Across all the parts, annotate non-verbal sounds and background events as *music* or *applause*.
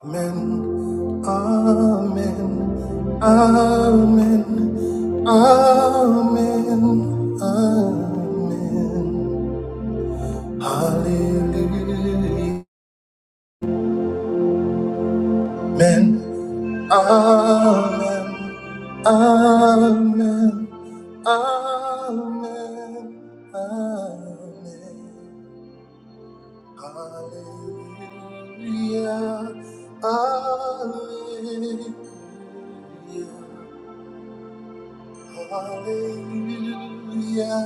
Amen. Amen. Amen. Amen. Amen. Hallelujah. Amen. Amen. Amen. Amen. Amen. Hallelujah. Hallelujah. Hallelujah,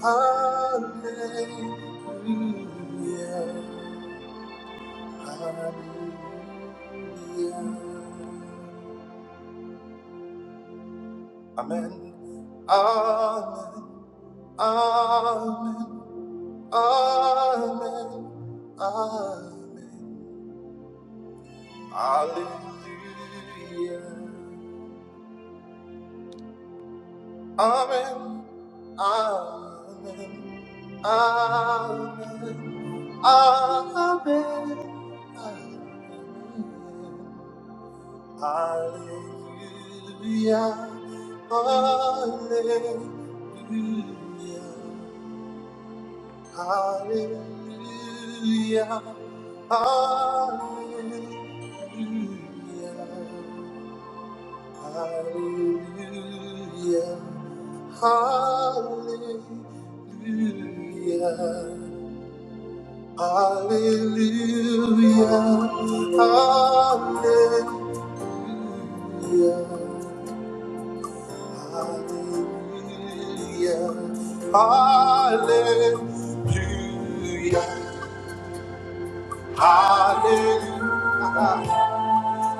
hallelujah, hallelujah. Amen. Amen. Amen. Amen. Amen. Hallelujah. Amen. Amen. Amen. Amen. Amen. Hallelujah. Hallelujah. Hallelujah. Hallelujah. Hallelujah. Hallelujah. Hallelujah. Hallelujah. Hallelujah. Hallelujah. Hallelujah.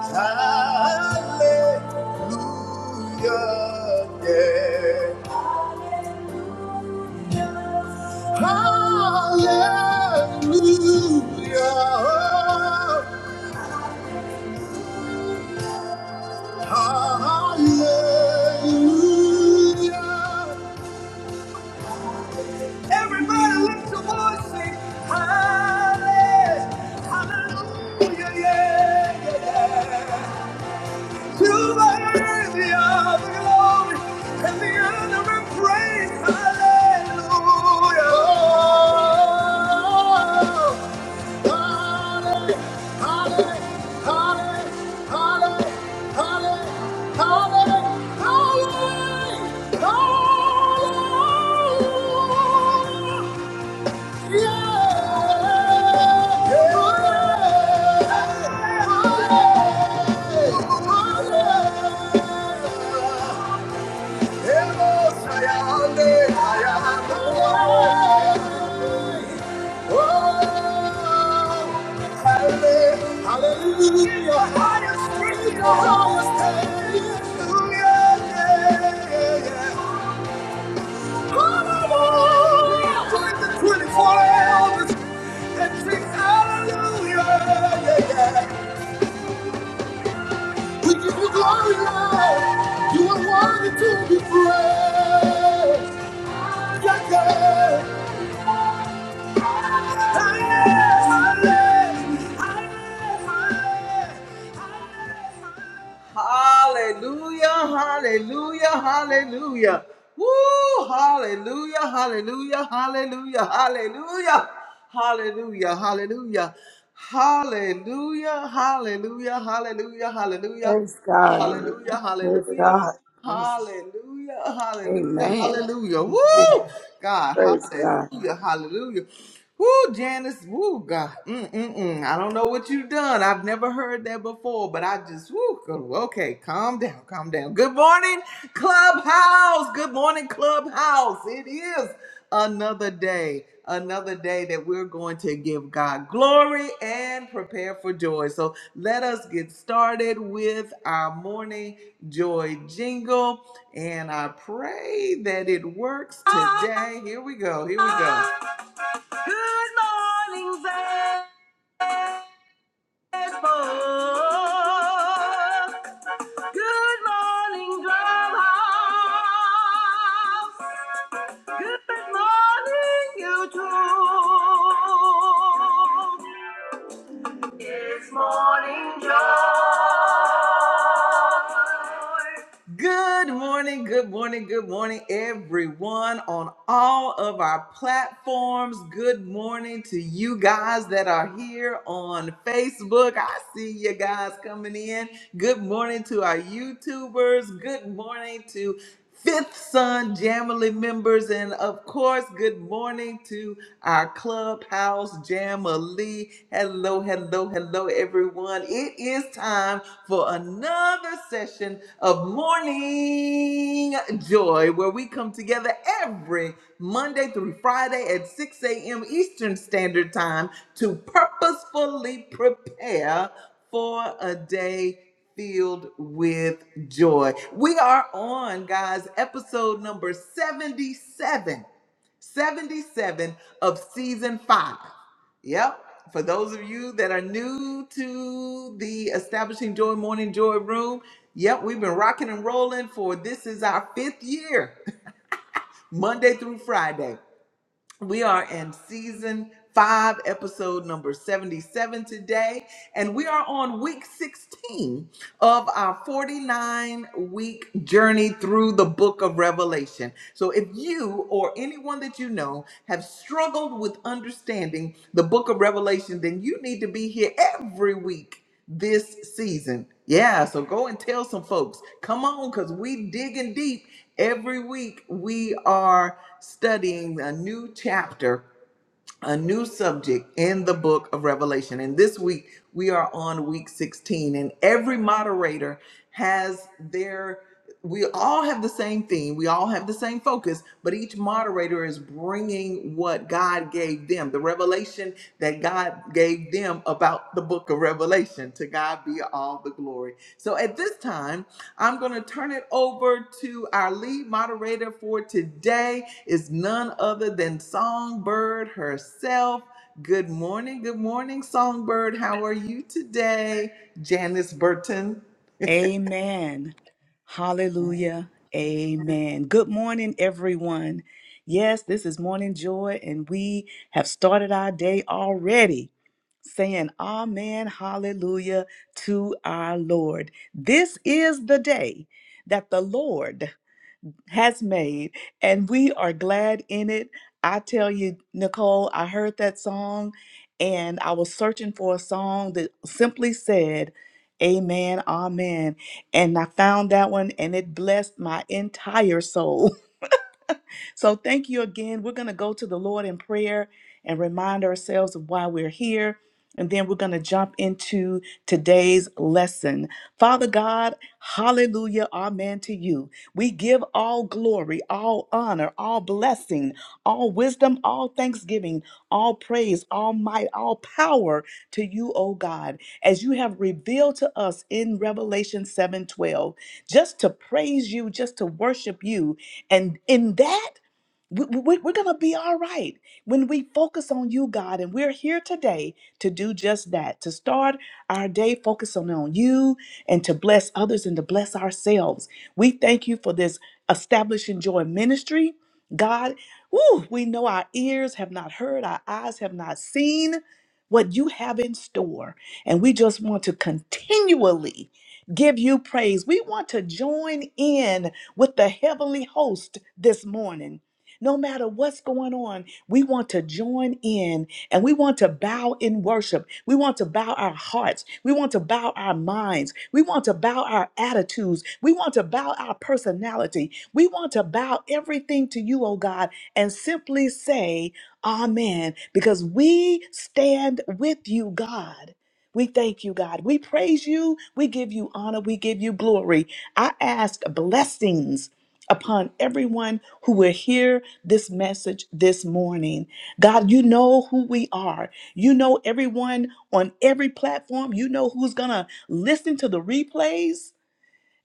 Hallelujah. yeah. Hallelujah. Hallelujah. Everybody lift your voice, sing hallelujah. Hallelujah, yeah, yeah, yeah. To the of the glory and the honor and praise. Hallelujah. Hallelujah, hallelujah, hallelujah, hallelujah, hallelujah, hallelujah. Yeah! yeah, hallelujah, hallelujah hallelujah! highest praise, Hallelujah! Hallelujah! twenty-four elders and sing Hallelujah! Yeah, yeah. We give you glory, Lord. You are worthy to be praised. Yeah, yeah. Hallelujah, hallelujah, hallelujah. Woo, hallelujah, hallelujah, hallelujah, hallelujah, hallelujah, hallelujah, hallelujah, hallelujah, hallelujah, hallelujah. Praise God. Amen. Hallelujah, Praise hallelujah, God. Praise God. Hallelujah, hallelujah, Hallelujah. Amen. Amen. Woo! God, Praise God. hallelujah, hallelujah. Woo, Janice, woo, God. Mm-mm-mm. I don't know what you've done. I've never heard that before, but I just, woo, go- okay, calm down, calm down. Good morning, Clubhouse. Good morning, Clubhouse. It is another day, another day that we're going to give God glory and prepare for joy. So let us get started with our morning joy jingle. And I pray that it works today. Here we go. Here we go. Good morning, folks. Good morning, Drumhouse. Good morning, YouTube. Good morning, good morning, good morning, everyone on all of our platforms. Good morning to you guys that are here on Facebook. I see you guys coming in. Good morning to our YouTubers. Good morning to Fifth Son Jamily members, and of course, good morning to our Clubhouse Jamily. Hello, hello, hello, everyone. It is time for another session of Morning Joy, where we come together every Monday through Friday at 6 a.m. Eastern Standard Time to purposefully prepare for a day filled with joy. We are on, guys, episode number 77. 77 of season five. Yep. For those of you that are new to the Establishing Joy Morning Joy Room, yep, we've been rocking and rolling for this is our fifth year, *laughs* Monday through Friday. We are in season five, episode number 77 today, and we are on week 16 of our 49 week journey through the book of Revelation. So, if you or anyone that you know have struggled with understanding the book of Revelation, then you need to be here every week this season. Yeah, so go and tell some folks. Come on, because we digging deep. Every week we are studying a new chapter, a new subject in the book of Revelation. And this week we are on week 16, and every moderator has their we all have the same theme, we all have the same focus, but each moderator is bringing what God gave them, the revelation that God gave them about the book of Revelation. To God be all the glory. So at this time, I'm going to turn it over to our lead moderator for today is none other than Songbird herself. Good morning. Good morning, Songbird. How are you today? Janice Burton. Amen. Hallelujah. Amen. Good morning, everyone. Yes, this is Morning Joy, and we have started our day already saying Amen, Hallelujah to our Lord. This is the day that the Lord has made, and we are glad in it. I tell you, Nicole, I heard that song and I was searching for a song that simply said, Amen, Amen. And I found that one and it blessed my entire soul. So thank you again. We're going to go to the Lord in prayer and remind ourselves of why we're here. And then we're going to jump into today's lesson. Father God, hallelujah, amen to you. We give all glory, all honor, all blessing, all wisdom, all thanksgiving, all praise, all might, all power to you, O God, as you have revealed to us in Revelation 7:12, just to praise you, just to worship you. And in that we, we- we're going to be all right when we focus on you, God. And we're here today to do just that to start our day focusing on you and to bless others and to bless ourselves. We thank you for this establishing joy ministry. God, woo, we know our ears have not heard, our eyes have not seen what you have in store. And we just want to continually give you praise. We want to join in with the heavenly host this morning no matter what's going on, we want to join in and we want to bow in worship. We want to bow our hearts. We want to bow our minds. We want to bow our attitudes. We want to bow our personality. We want to bow everything to you, oh God, and simply say, Amen, because we stand with you, God. We thank you, God. We praise you. We give you honor. We give you glory. I ask blessings upon everyone who will hear this message this morning. God, you know who we are. You know everyone on every platform. You know who's going to listen to the replays.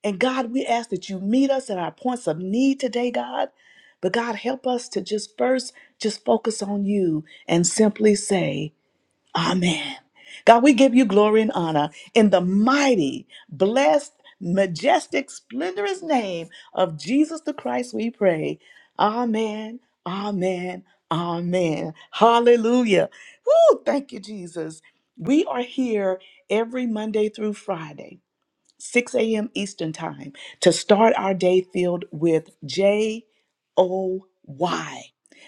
And God, we ask that you meet us at our points of need today, God. But God, help us to just first just focus on you and simply say, Amen. God, we give you glory and honor in the mighty, blessed, majestic, splendorous name of Jesus the Christ, we pray. Amen. Amen. Amen. Hallelujah. Woo, thank you, Jesus. We are here every Monday through Friday 6 a.m. Eastern Time, to start our day filled with J O Y.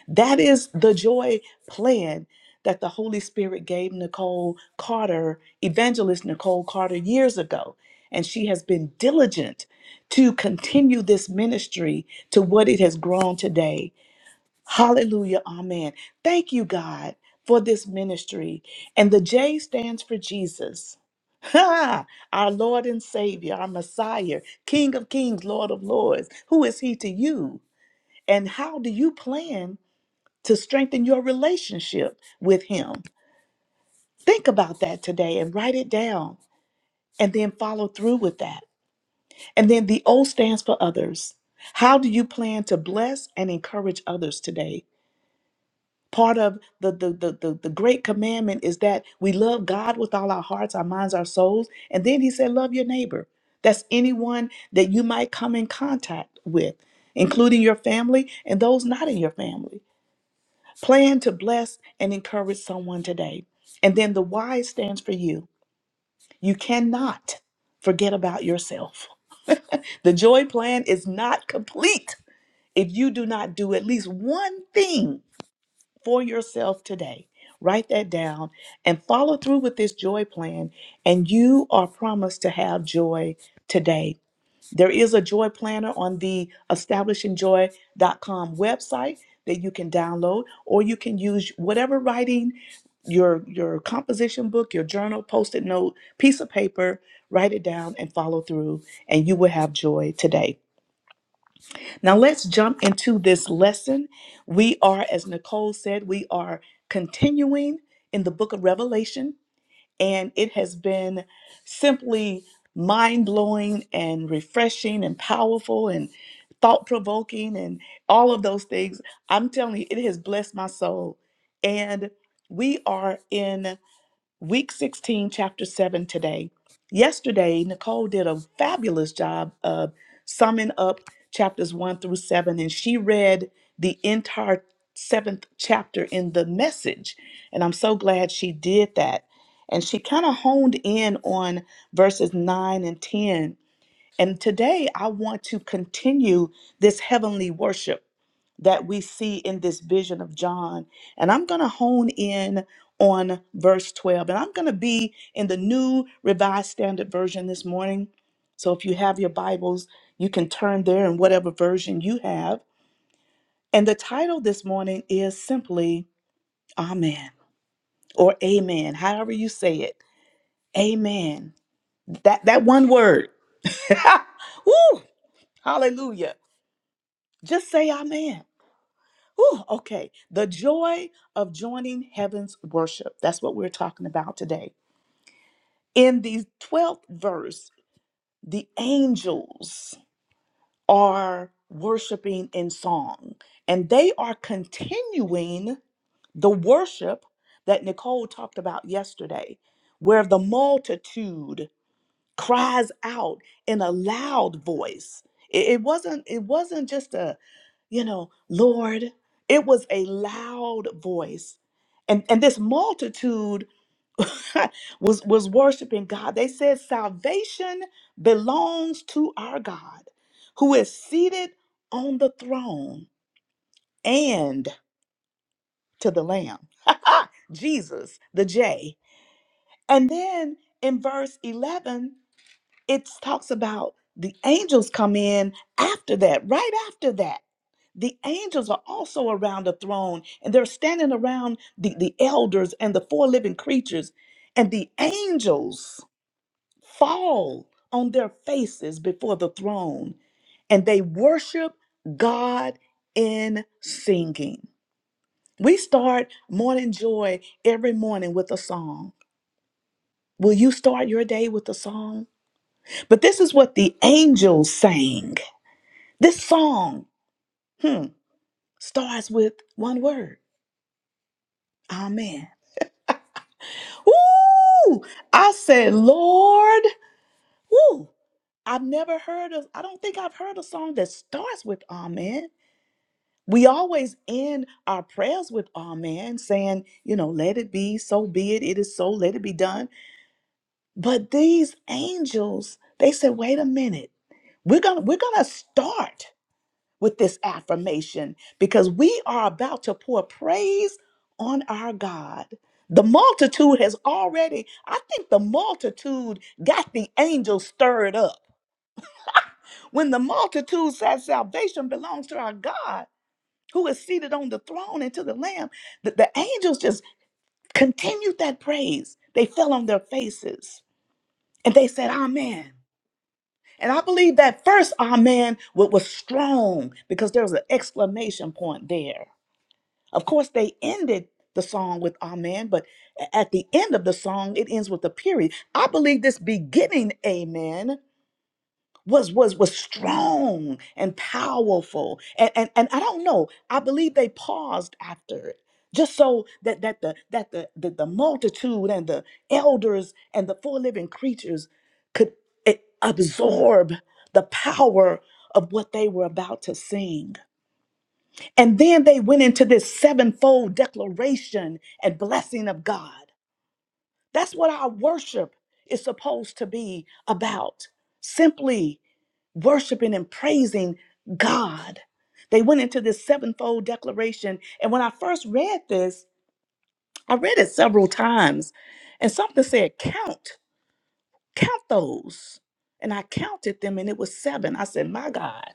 That is the joy plan that the Holy Spirit gave Nicole Carter, evangelist Nicole Carter, years ago. And she has been diligent to continue this ministry to what it has grown today Hallelujah. Amen. Thank you, God, for this ministry. And the J stands for Jesus. *laughs* Ha! Our Lord and Savior, our Messiah, King of Kings, Lord of Lords. Who is He to you? And how do you plan to strengthen your relationship with Him? Think about that today and write it down and then follow through with that. And then the O stands for others. How do you plan to bless and encourage others today? part of the the, the the the great commandment is that we love god with all our hearts our minds our souls and then he said love your neighbor that's anyone that you might come in contact with including your family and those not in your family plan to bless and encourage someone today and then the y stands for you you cannot forget about yourself *laughs* the joy plan is not complete if you do not do at least one thing for yourself today. Write that down and follow through with this joy plan, and you are promised to have joy today. There is a joy planner on the establishingjoy.com website that you can download, or you can use whatever writing your your composition book, your journal, post-it note, piece of paper, write it down and follow through, and you will have joy today. Now let's jump into this lesson. We are, as Nicole said, we are continuing in the book of Revelation, and it has been simply mind blowing and refreshing and powerful and thought provoking and all of those things. I'm telling you, it has blessed my soul. And we are in week 16, chapter 7 today. Yesterday, Nicole did a fabulous job of summing up chapters 1 through 7, and she read the entire seventh chapter in the message. And I'm so glad she did that. And she kind of honed in on verses 9 and 10. And today, I want to continue this heavenly worship that we see in this vision of John. And I'm going to hone in on verse 12. And I'm going to be in the new Revised Standard Version this morning. So if you have your Bibles, you can turn there in whatever version you have. And the title this morning is simply Amen or Amen, however you say it. Amen. That that one word. *laughs* Woo! Hallelujah. Just say amen. Whew, okay, the joy of joining heaven's worship. That's what we're talking about today. In the 12th verse, the angels are worshiping in song, and they are continuing the worship that Nicole talked about yesterday, where the multitude cries out in a loud voice. It, it wasn't it wasn't just a, you know, Lord. It was a loud voice. And and this multitude *laughs* was was worshiping God. They said salvation belongs to our God who is seated on the throne and to the lamb. *laughs* Jesus, the J. And then in verse 11 it talks about the angels come in after that, right after that. The angels are also around the throne and they're standing around the, the elders and the four living creatures. And the angels fall on their faces before the throne and they worship God in singing. We start morning joy every morning with a song. Will you start your day with a song? But this is what the angels sang. This song hmm, starts with one word. Amen. Ooh, I said, Lord. Ooh, I've never heard of, I don't think I've heard a song that starts with Amen. We always end our prayers with Amen, saying, you know, let it be, so be it, it is so, let it be done. But these angels, they said, wait a minute. We're gonna we're gonna start. with this affirmation because we are about to pour praise on our God. The multitude has already, I think the multitude got the angels stirred up. When the multitude said salvation belongs to our God who is seated on the throne and to the Lamb, the, the angels just continued that praise. They fell on their faces and they said, Amen. And I believe that first amen wa- was strong because there was an exclamation point there Of course, they ended the song with Amen, but a- at the end of the song, it ends with a period. I believe this beginning Amen was was was strong and powerful. And and, and I don't know. I believe they paused after it. Just so that that the that the, the the multitude and the elders and the four living creatures could eh, absorb the power of what they were about to sing. And then they went into this sevenfold declaration and blessing of God. That's what our worship is supposed to be about simply worshiping and praising God. They went into this sevenfold declaration. And when I first read this, I read it several times, and something said, Count, count those. And I counted them, and it was seven. I said, My God,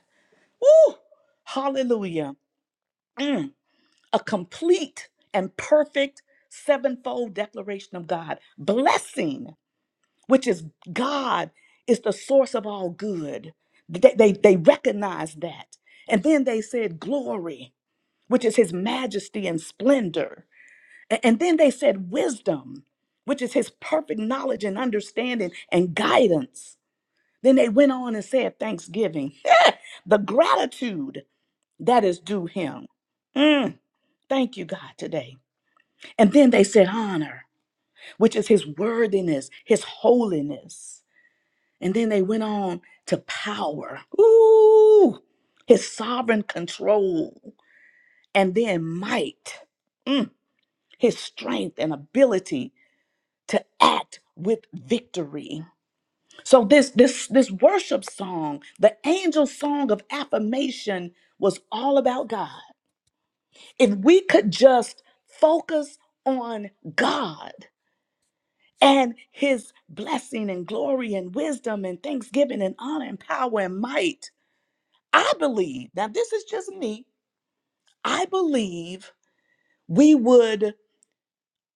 woo, hallelujah. Mm. a complete and perfect sevenfold declaration of God. Blessing, which is God, is the source of all good. They, they, they recognized that. And then they said glory, which is his majesty and splendor. A- And then they said wisdom, which is his perfect knowledge and understanding and guidance. Then they went on and said thanksgiving, *laughs* the gratitude that is due him. Mm, thank you, God, today. And then they said honor, which is his worthiness, his holiness. And then they went on to power. Ooh, his sovereign control. And then might, his strength and ability to act with victory. So this this this worship song, the angel song of affirmation was all about God. If we could just focus on God, and his blessing and glory and wisdom and thanksgiving and honor and power and might. I believe, now this is just me, I believe we would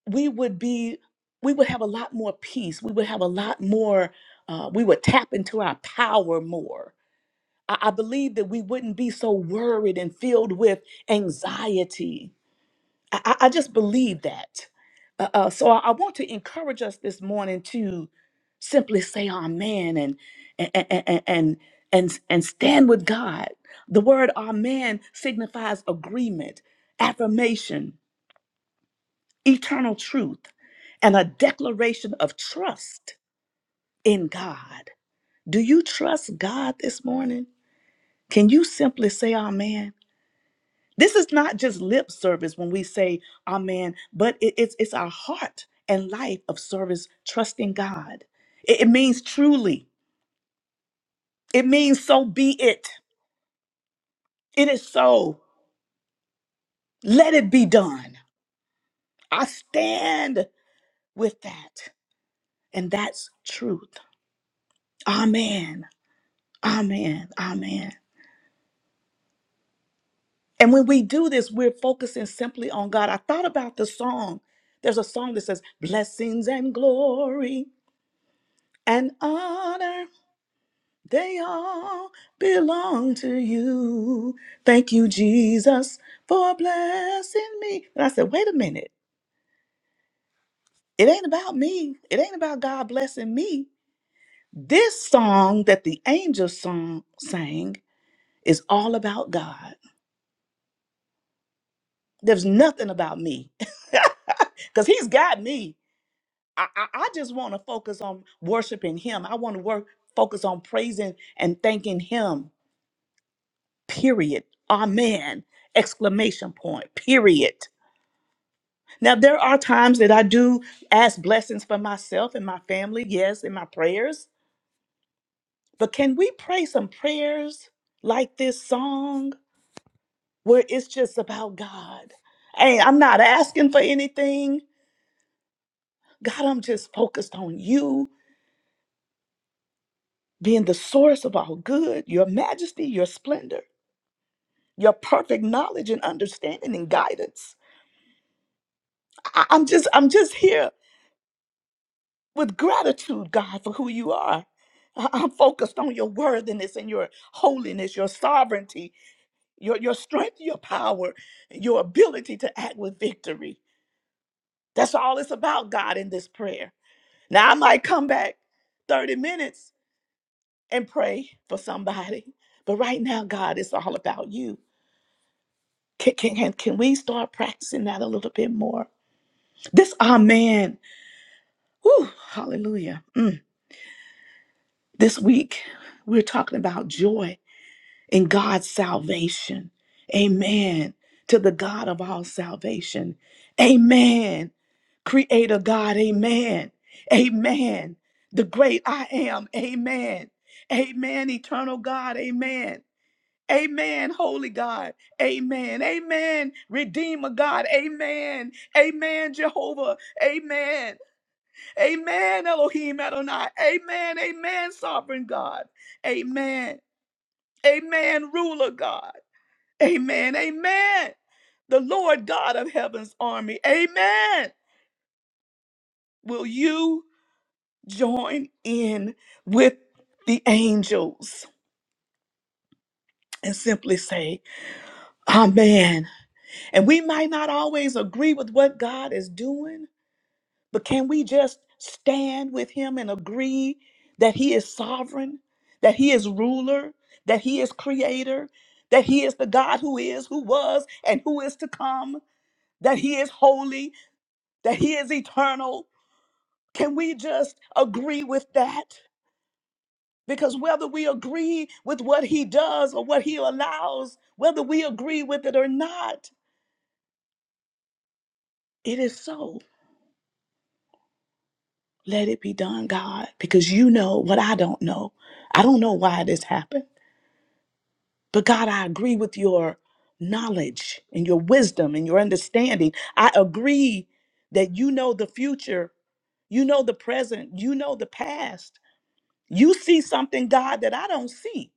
we would be we would have a lot more peace. We would have a lot more uh, we would tap into our power more. I, I believe that we wouldn't be so worried and filled with anxiety I, I I just believe that. Uh, uh, so I, I want to encourage us this morning to simply say amen and and and and and, and stand with God. The word amen signifies agreement, affirmation, eternal truth, and a declaration of trust in God. Do you trust God this morning? Can you simply say amen? This is not just lip service when we say amen, but it- it's, it's our heart and life of service, trusting God. It, it means truly, it means so be it. It is so. Let it be done. I stand with that. And that's truth. Amen. Amen. Amen. And when we do this, we're focusing simply on God. I thought about the song. There's a song that says, Blessings and glory and honor They all belong to you. Thank you, Jesus, for blessing me. And I said, wait a minute. It ain't about me. It ain't about God blessing me. This song that the angels song sang is all about God. There's nothing about me. *laughs* Because he's got me. I, I, I just want to focus on worshiping him. I want to work focus on praising and thanking him period. Amen. Exclamation point, period. Now, there are times that I do ask blessings for myself and my family, yes, in my prayers. But can we pray some prayers like this song where it's just about God? Hey, I'm not asking for anything. God, I'm just focused on you being the source of all good, your majesty, your splendor, your perfect knowledge and understanding and guidance. I- I'm just, I'm just here with gratitude, God, for who you are. I- I'm focused on your worthiness and your holiness, your sovereignty, your, your strength, your power, your ability to act with victory. That's all it's about, God, in this prayer. Now, I might come back 30 minutes and pray for somebody, but right now, God, it's all about you. Can, can, can can we start practicing that a little bit more? This Amen. Whew, hallelujah. Mm. This week, we're talking about joy in God's salvation. Amen. To the God of all salvation. Amen. Creator God. Amen. Amen. The great I am. Amen. Amen. Eternal God. Amen. Amen. Holy God. Amen. Amen. Redeemer God. Amen. Amen. Jehovah. Amen. Amen. Elohim Adonai. Amen. Amen. Sovereign God. Amen. Amen. Ruler God. Amen. Amen. The Lord God of heaven's army. Amen. Will you join in with the angels and simply say, Amen? And we might not always agree with what God is doing, but can we just stand with Him and agree that He is sovereign, that He is ruler, that He is creator, that He is the God who is, who was, and who is to come, that He is holy? that he is eternal. Can we just agree with that? Because whether we agree with what he does or what he allows, whether we agree with it or not, it is so. Let it be done, God, because you know what I don't know. I don't know why this happened. But God, I agree with your knowledge and your wisdom and your understanding. I agree that you know the future, you know the present, you know the past. You see something, God, that I don't see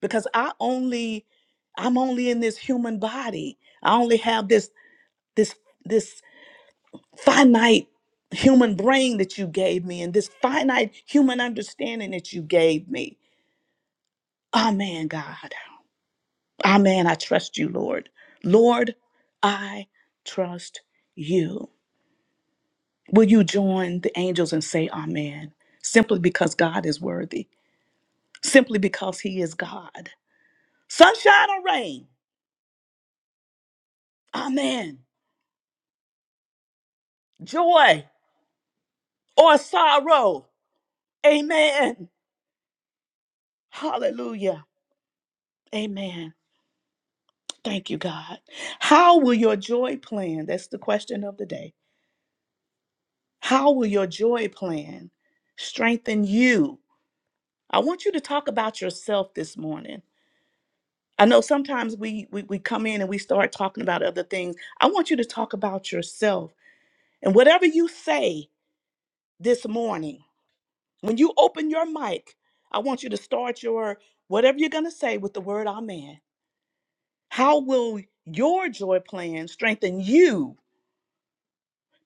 because I only I'm only in this human body. I only have this this this finite human brain that you gave me and this finite human understanding that you gave me. Amen, God. Amen. I trust you, Lord. Lord, I trust you. Will you join the angels and say amen? Simply because God is worthy. Simply because he is God. Sunshine or rain. Amen. Joy or sorrow. Amen. Hallelujah. Amen. Thank you, God. How will your joy plan? That's the question of the day. How will your joy plan strengthen you? I want you to talk about yourself this morning. I know sometimes we, we, we come in and we start talking about other things. I want you to talk about yourself. And whatever you say this morning, When you open your mic, I want you to start your whatever you're going to say with the word Amen. How will your joy plan strengthen you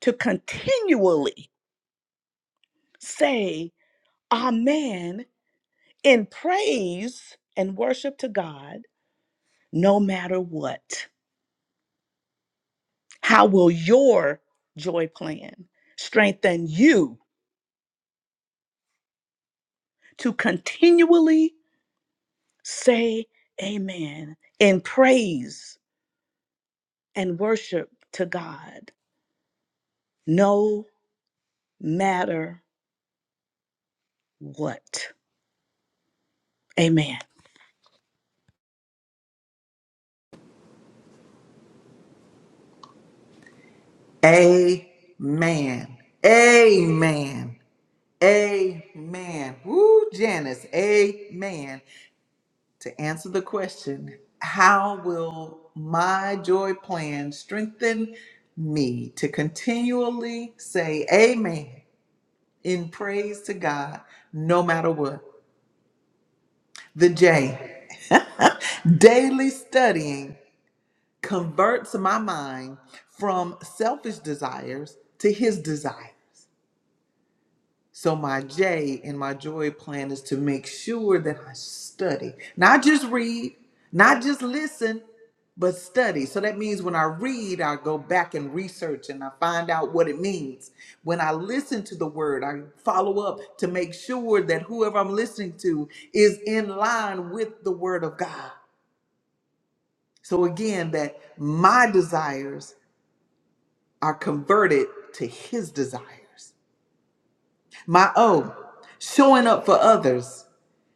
to continually say Amen in praise and worship to God no matter what? How will your joy plan strengthen you to continually say Amen in praise and worship to God? no matter what. Amen. Amen. Amen. Amen. Woo, Janice. Amen. to answer the question how will my joy plan strengthen me to continually say amen in praise to God no matter what? The J, *laughs* daily studying converts my mind from selfish desires to his desire. So my J and my joy plan is to make sure that I study, not just read, not just listen, but study. So that means when I read, I go back and research and I find out what it means. When I listen to the word, I follow up to make sure that whoever I'm listening to is in line with the word of God. So again, that my desires are converted to his desires. My O, showing up for others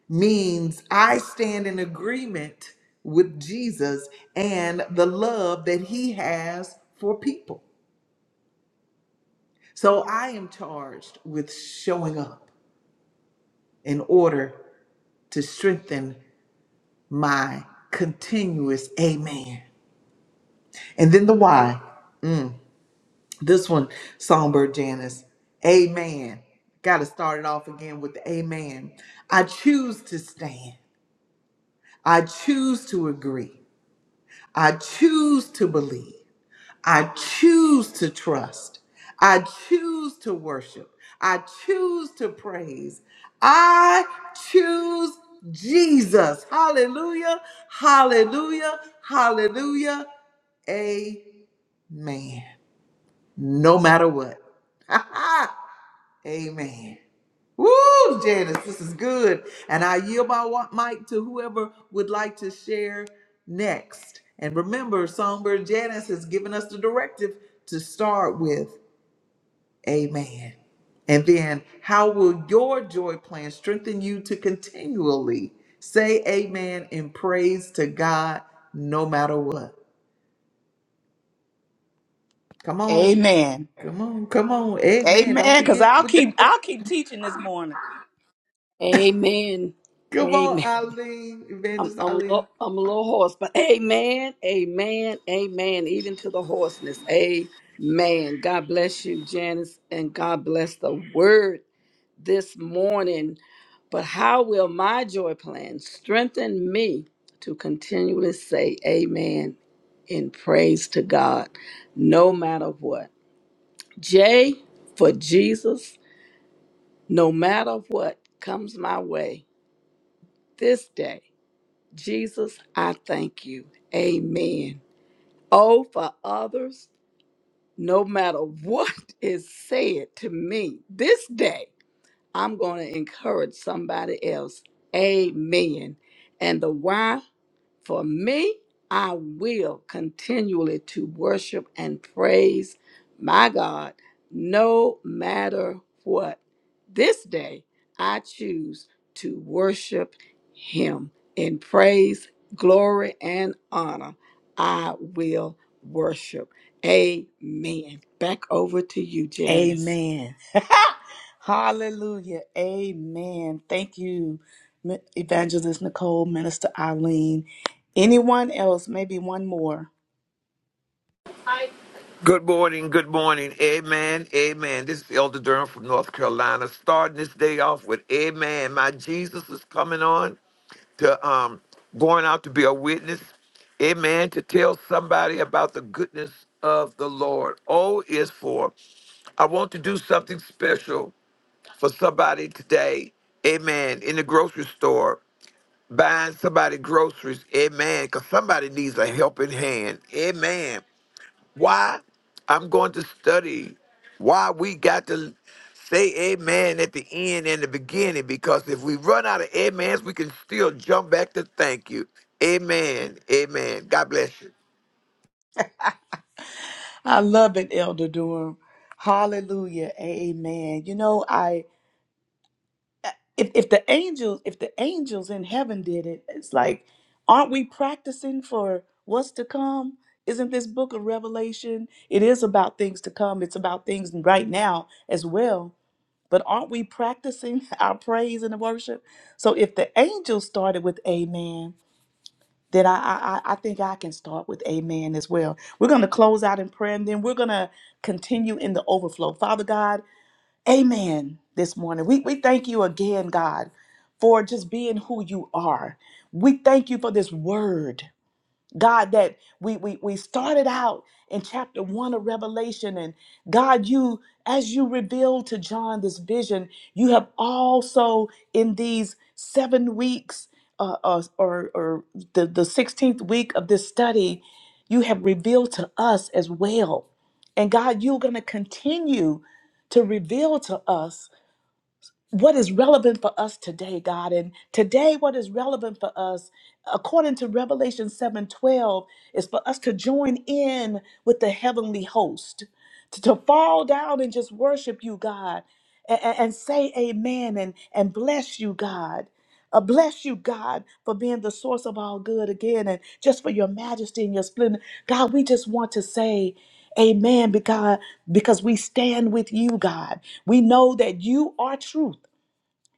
means I stand in agreement with Jesus and the love that he has for people. So I am charged with showing up in order to strengthen my continuous amen. And then the why. Mm, this one, Songbird Janice. Amen. Got to start it off again with the amen. I choose to stand. I choose to agree. I choose to believe. I choose to trust. I choose to worship. I choose to praise. I choose Jesus. Hallelujah. Hallelujah. Hallelujah. Amen. No matter what. *laughs* Amen. Woo, Janice, this is good. And I yield my wa- mic to whoever would like to share next. And remember, Songbird Janice has given us the directive to start with Amen. And then, how will your joy plan strengthen you to continually say Amen and praise to God no matter what? Come on, Amen. come on, come on. Amen. Don't Amen. Cause forget I'll with that. keep I'll keep teaching this morning. Amen. Come on, Amen. Eileen, I'm Evangelist I'm a Eileen. little, I'm a little hoarse, but amen, amen, amen. Even to the hoarseness, amen. God bless you, Janice, and God bless the word this morning. But how will my joy plan strengthen me to continually say amen in praise to God, no matter what? J for Jesus, no matter what comes my way this day. Jesus, I thank you. Amen. O for others, no matter what *laughs* is said to me this day, I'm going to encourage somebody else. Amen. And the Y For me, I will continually to worship and praise my God no matter what. This day, I choose to worship him in praise, glory, and honor. I will worship. Amen. Back over to you, Janice. Amen. *laughs* Hallelujah. Amen. Thank you, Mi- Evangelist Nicole, Minister Eileen. Anyone else? Maybe one more. Good morning, good morning. Amen, amen. This is Elder Durham from North Carolina, starting this day off with Amen. My Jesus is coming on to um going out to be a witness. Amen. To tell somebody about the goodness of the Lord. O is for I want to do something special for somebody today. Amen. In the grocery store, buying somebody groceries. Amen. Because somebody needs a helping hand. Amen. Why? I'm going to study why we got to say amen at the end and the beginning because if we run out of amens, we can still jump back to thank you. Amen. Amen. God bless you. I love it, Elder Durham. Hallelujah. Amen. You know, I if if the angels if the angels in heaven did it, it's like, aren't we practicing for what's to come? Isn't this book of Revelation? It is about things to come. It's about things right now as well. But aren't we practicing *laughs* our praise and worship? So if the angels started with amen, that I, I I I think I can start with amen as well. We're going to close out in prayer and then we're going to continue in the overflow. Father God, amen this morning. We, we thank you again, God, for just being who you are. We thank you for this word. God, that we, we we started out in chapter one of Revelation, and God, you as you revealed to John this vision, you have also in these seven weeks uh, uh, or or the the sixteenth week of this study, you have revealed to us as well, and God, you're going to continue to reveal to us what is relevant for us today, God. And today, what is relevant for us, according to Revelation 7:12, is for us to join in with the heavenly host, to, to fall down and just worship you, God, and, and say amen and, and bless you, God. Uh, bless you, God, for being the source of all good again, and just for your majesty and your splendor. God, we just want to say. Amen. Because because we stand with you, God. We know that you are truth.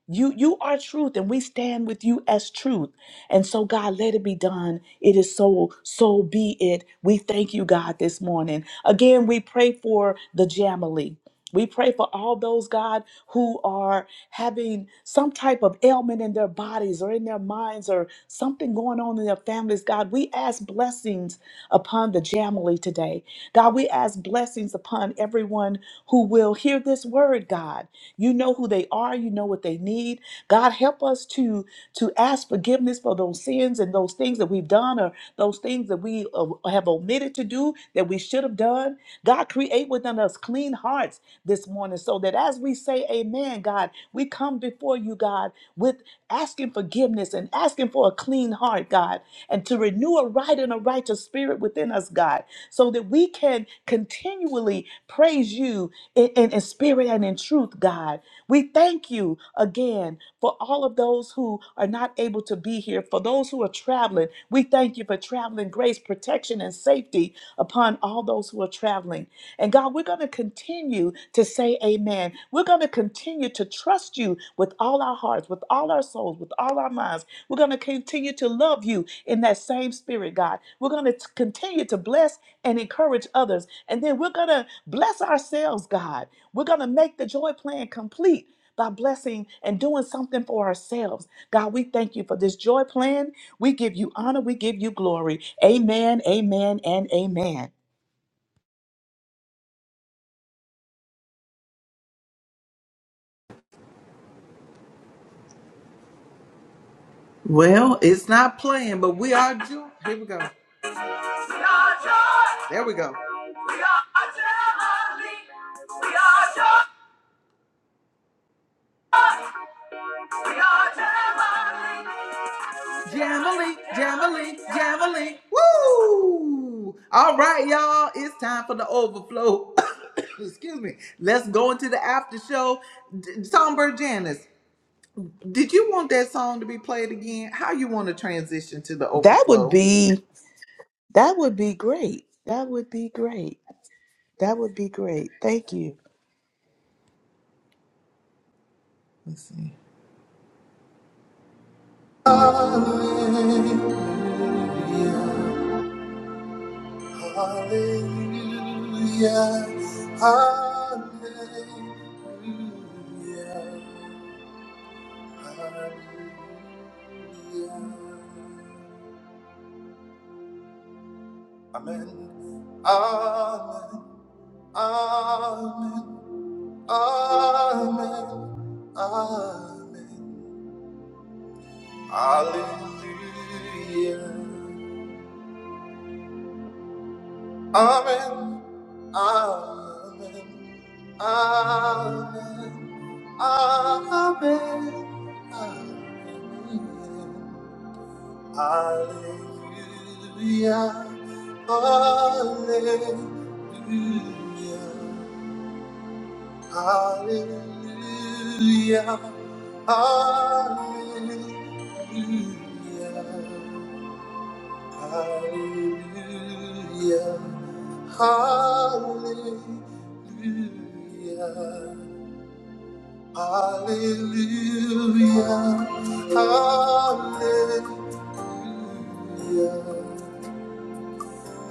You you are truth, and we stand with you as truth. And so, God, let it be done. It is so, so be it. We thank you, God, this morning. Again, we pray for the Jamily. We pray for all those, God, who are having some type of ailment in their bodies or in their minds or something going on in their families. God, we ask blessings upon the Jamily today. God, we ask blessings upon everyone who will hear this word, God. You know who they are, you know what they need. God, help us to, to ask forgiveness for those sins and those things that we've done or those things that we uh, have omitted to do that we should have done. God, create within us clean hearts this morning. So that as we say amen, God, we come before you, God, with asking forgiveness and asking for a clean heart, God, and to renew a right and a righteous spirit within us, God, so that we can continually praise you in, in, in spirit and in truth, God. We thank you again for all of those who are not able to be here, for those who are traveling. We thank you for traveling grace, protection, and safety upon all those who are traveling. And God, we're going to continue to say amen. We're going to continue to trust you with all our hearts, with all our souls, with all our minds. We're going to continue to love you in that same spirit, God. We're going to continue to bless and encourage others. And then we're going to bless ourselves, God. We're going to make the joy plan complete. By blessing and doing something for ourselves. God, we thank you for this joy plan. We give you honor. We give you glory. Amen, amen, and amen. Well, it's not playing, but we are joy. Here we go. We are joy. There we go. We are Jamali. We are joy. We are Jamali. Jamali, Jamali, Jamali. Woo! All right, y'all. It's time for the overflow. *coughs* Excuse me. Let's go into the after show. D- Songbird Janice, did you want that song to be played again? How you want to transition to the That would overflow? be that would be great. That would be great. That would be great. Thank you. Let's see. Hallelujah, hallelujah, hallelujah, hallelujah. Amen. Amen. Amen. Amen. Amen. Hallelujah. Amen. Amen. Amen. Amen. Amen. Hallelujah. Hallelujah. Hallelujah. Hallelujah. Hallelujah. Hallelujah. Hallelujah. Hallelujah.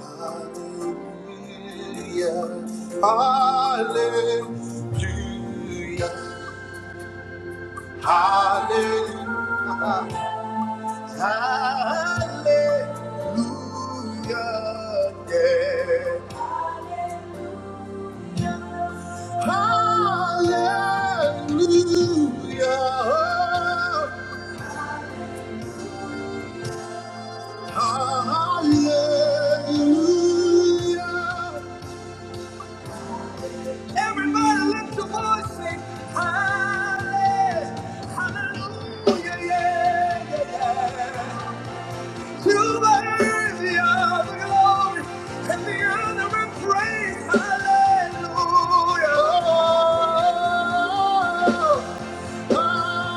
Hallelujah. Hallelujah. Hallelujah. Hallelujah. yeah. Hallelujah. Hallelujah. Everybody lift your voice sing. Hallelujah. Hallelujah. Yeah, yeah, yeah. To worthy of the glory and the honor and praise. Hallelujah. Yeah.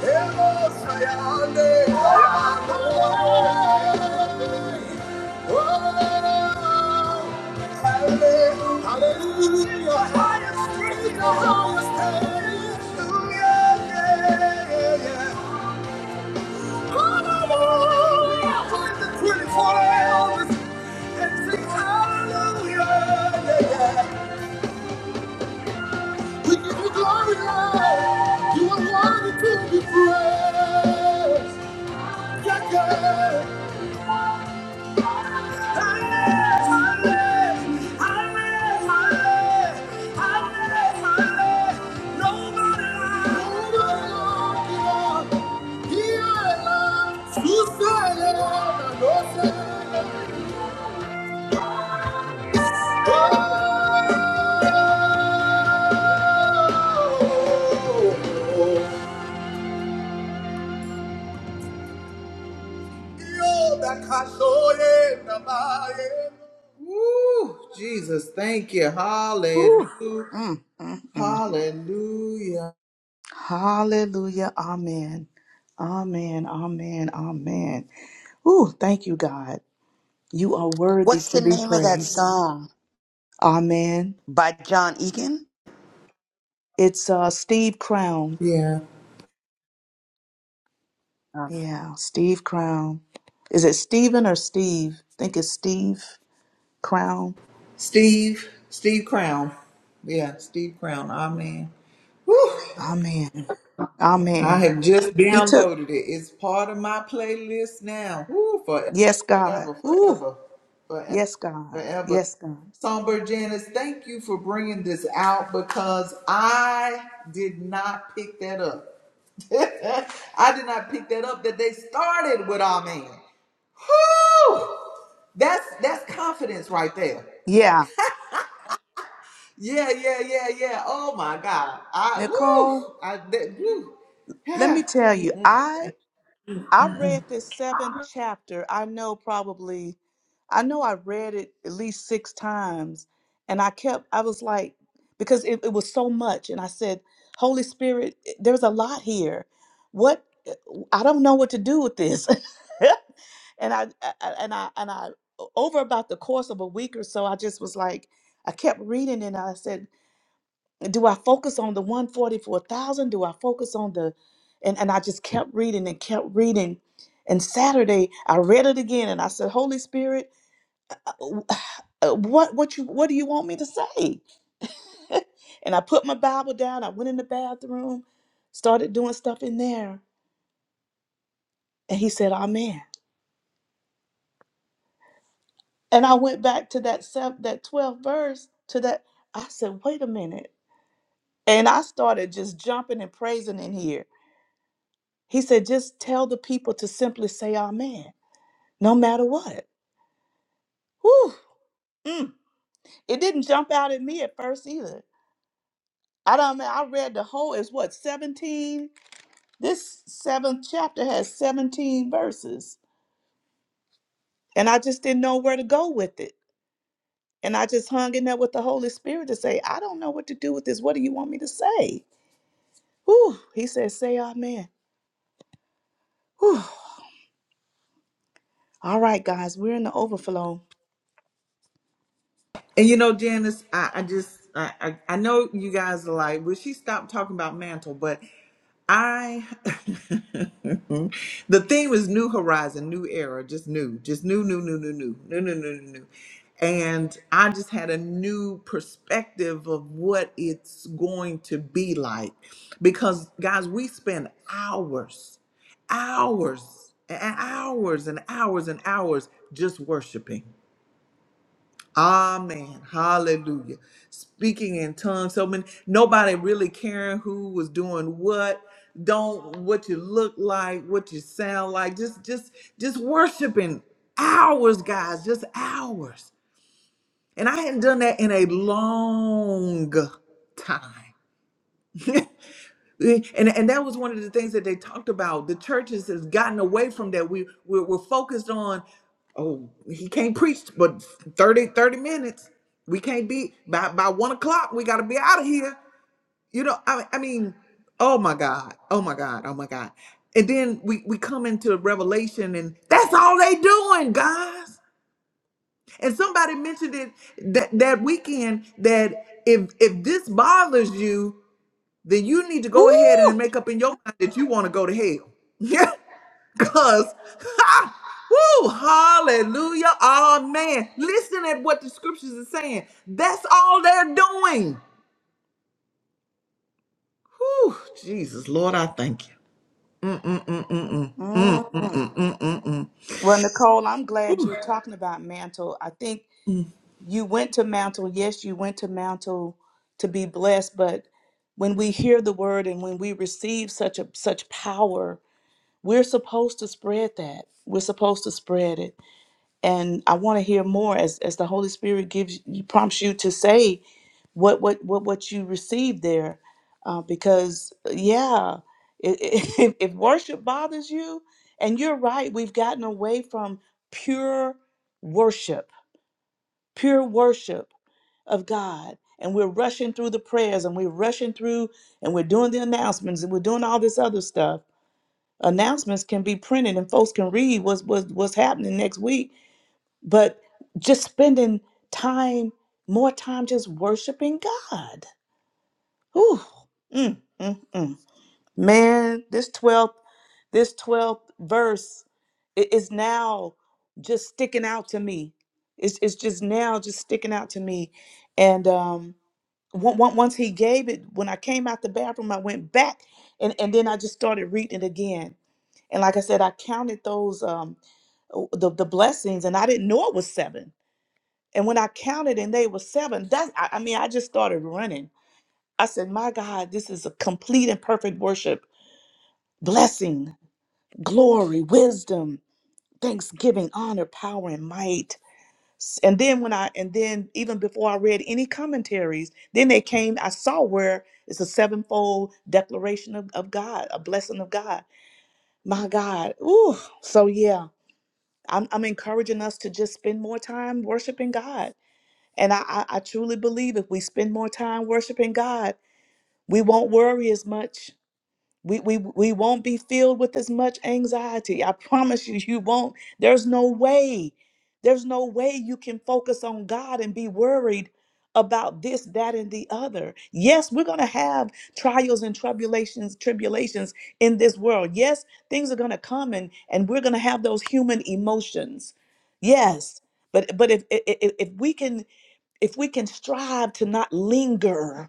We give you glory, Lord. You are worthy to be praised. Yeah, yeah. Woo! Jesus, thank you. Whew. Hallelujah. Mm, mm, mm. Hallelujah. Hallelujah. Amen. Amen. Amen. Amen. Ooh, thank you, God. You are worthy What's the to be name of that praised. song Amen. by John Egan? It's uh, Steve Crown. Yeah. Um, Yeah, Steve Crown. Is it Steven or Steve? I think it's Steve Crown. Steve, Steve Crown. Yeah, Steve Crown. Our man. Woo! Amen. I Amen. have just He took, downloaded it. It's part of my playlist now. Woo! Forever, yes, God. Ooh, forever, forever, yes, God. forever. Yes, God. Songbird Janice, thank you for bringing this out because I did not pick that up. *laughs* I did not pick that up that they started with our man. Whew! That's that's confidence right there. Yeah. Yeah, yeah, yeah, yeah. Oh my God. I Nicole, woo. I that let woo. me *sighs* tell you, I I read this seventh chapter. I know probably, I know I read it at least six times. And I kept, I was like, because it, it was so much. And I said, Holy Spirit, eh, there's a lot here. What, I don't know what to do with this. *laughs* and I, I- I- and I, and I, over about the course of a week or so, I just was like, I kept reading and I said, do I focus on the 144,000? Do I focus on the and and I just kept reading and kept reading. And Saturday I read it again and I said, "Holy Spirit, uh, uh, what what you what do you want me to say?" *laughs* and I put my Bible down. I went in the bathroom, started doing stuff in there, and he said, "Amen." And I went back to that seven, that 12 verse to that I said, "Wait a minute." And I started just jumping and praising in here He said, just tell the people to simply say amen, no matter what. Whew. Mm. It didn't jump out at me at first either. I don't I read the whole, it's what, 17? This seventh chapter has 17 verses. And I just didn't know where to go with it. And I just hung in there with the Holy Spirit to say, I don't know what to do with this. What do you want me to say? Whew. He said, say amen. Whew. All right, guys, we're in the overflow. And you know, Janice, I, I just I, I I know you guys are like, will she stop talking about mantle? But I *laughs* the theme is new horizon, new era, just new, just new, new, new, new, new, new, new, new, new, new. And I just had a new perspective of what it's going to be like. Because guys, we spend hours, hours, and hours and hours and hours just worshiping Amen. Hallelujah. Speaking in tongues, so many nobody really caring who was doing what, don't what you look like, what you sound like. Just just just worshiping hours, guys, just hours. And I hadn't done that in a long time. *laughs* Eh, and and that was one of the things that they talked about. The churches has gotten away from that. We we're, we're focused on oh he can't preach but 30 30 minutes. We can't be by by one o'clock. We got to be out of here. You know I I mean oh my god oh my god oh my god. And then we we come into Revelation and that's all they doing guys. And somebody mentioned it that that weekend that if if this bothers you then you need to Woo! go ahead and make up in your mind that you want to go to hell. *laughs* Yeah, because, *laughs* woo, hallelujah, amen. Listen at what the scriptures are saying. That's all they're doing. Whew, Jesus, Lord, I thank you. Mm, mm, mm, mm, mm. Mm, mm, Mm-mm. mm, mm, mm, mm. Well, Nicole, I'm glad Whew. you're talking about mantle. I think you went to mantle. Yes, you went to mantle to be blessed, but when we hear the word and when we receive such a such power, we're supposed to spread that. We're supposed to spread it. And I want to hear more as as the Holy Spirit gives you prompts you to say what what what what you receive there uh, because yeah i- i- *laughs* if, if worship bothers you and you're right we've gotten away from pure worship pure worship of god and we're rushing through the prayers and we're rushing through and we're doing the announcements and we're doing all this other stuff announcements can be printed and folks can read what's what's, what's happening next week but just spending time more time just worshiping god Whew. Mm, mm, mm. Man, this 12th, this 12th verse i- is now just sticking out to me. It's, it's just now just sticking out to me. And um, on- on- once he gave it, when I came out the bathroom, I went back and, and then I just started reading it again. And like I said, I counted those, um, o- the, the blessings, and I didn't know it was seven. And when I counted and they were seven, that's, I, I mean, I just started running I said, My God, this is a complete and perfect worship. Blessing, glory, wisdom, thanksgiving, honor, power, and might. S- And then when I and then even before I read any commentaries, then they came, I saw where it's a sevenfold declaration of, of God, a blessing of God. My God. Ooh. So yeah, I'm I'm encouraging us to just spend more time worshiping God. And I, I, I truly believe if we spend more time worshiping God, we won't worry as much We, we we won't be filled with as much anxiety. I promise you, you won't. There's no way. There's no way you can focus on God and be worried about this, that, and the other. Yes, we're gonna have trials and tribulations, tribulations in this world. Yes, things are gonna come and and we're gonna have those human emotions. Yes. But but if if, if we can if we can strive to not linger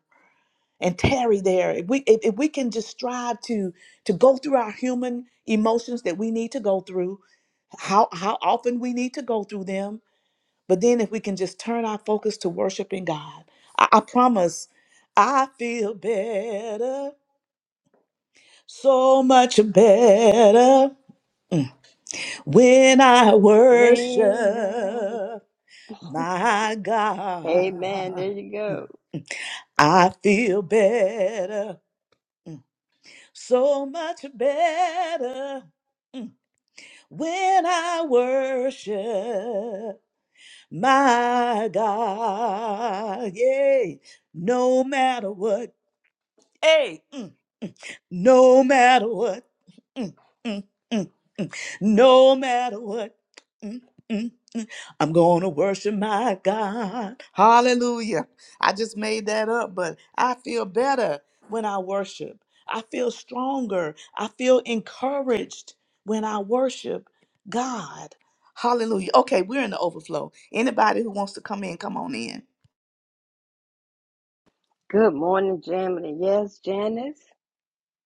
and tarry there if we if, if we can just strive to to go through our human emotions that we need to go through how how often we need to go through them but then if we can just turn our focus to worshiping god i, I promise i feel better so much better mm, when i worship Late night. my Amen. god There you go. i feel better so much better mm, when I worship my God. Yay, no matter what. Hey, mm, no matter what. Mm, mm, mm no matter what. Mm, mm, mm. I'm going to worship my God. Hallelujah. I just made that up, but I feel better when I worship. I feel stronger. I feel encouraged when I worship God. Hallelujah. Okay, we're in the overflow. Anybody who wants to come in, come on in. Good morning, Jamily. Yes, Janice.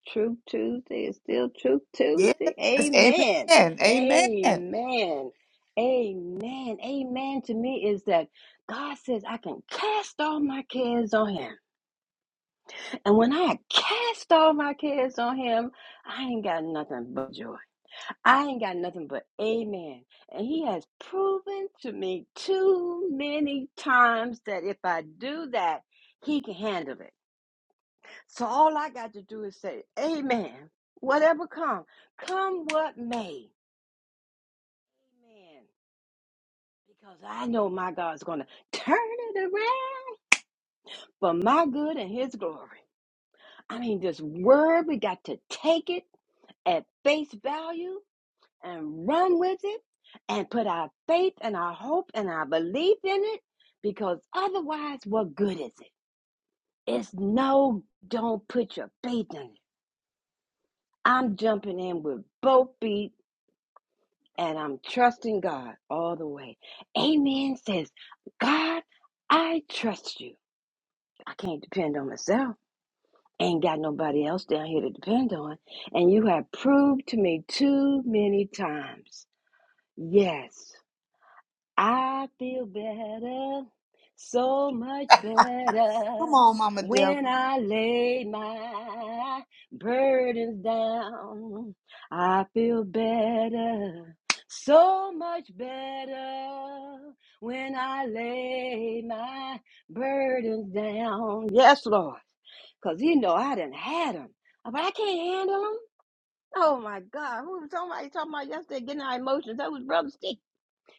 Truth Tuesday is still Truth Yes. Tuesday. Amen. Amen. Amen. Come Amen. Amen. Amen to me is that God says I can cast all my cares on Him. And when I cast all my cares on Him, I ain't got nothing but joy. I ain't got nothing but amen. And he has proven to me too many times that if I do that, he can handle it. So all I got to do is say, Amen. Whatever come, come what may. Amen. Because I know my God's gonna turn it around for my good and his glory. I mean, this word, we got to take it at face value and run with it and put our faith and our hope and our belief in it because otherwise, what good is it? It's no, don't put your faith in it. I'm jumping in with both feet and I'm trusting God all the way. Amen says, God, I trust you. I can't depend on myself. Ain't got nobody else down here to depend on. And you have proved to me too many times. Yes. I feel better, so much better, on, Mama Deborah. when I lay my burdens down. I feel better, so much better, when I lay my burdens down. Yes, Lord, because you know I didn't had them, but I can't handle them. Oh my God, who was somebody talking about yesterday getting our emotions? That was Brother Steve.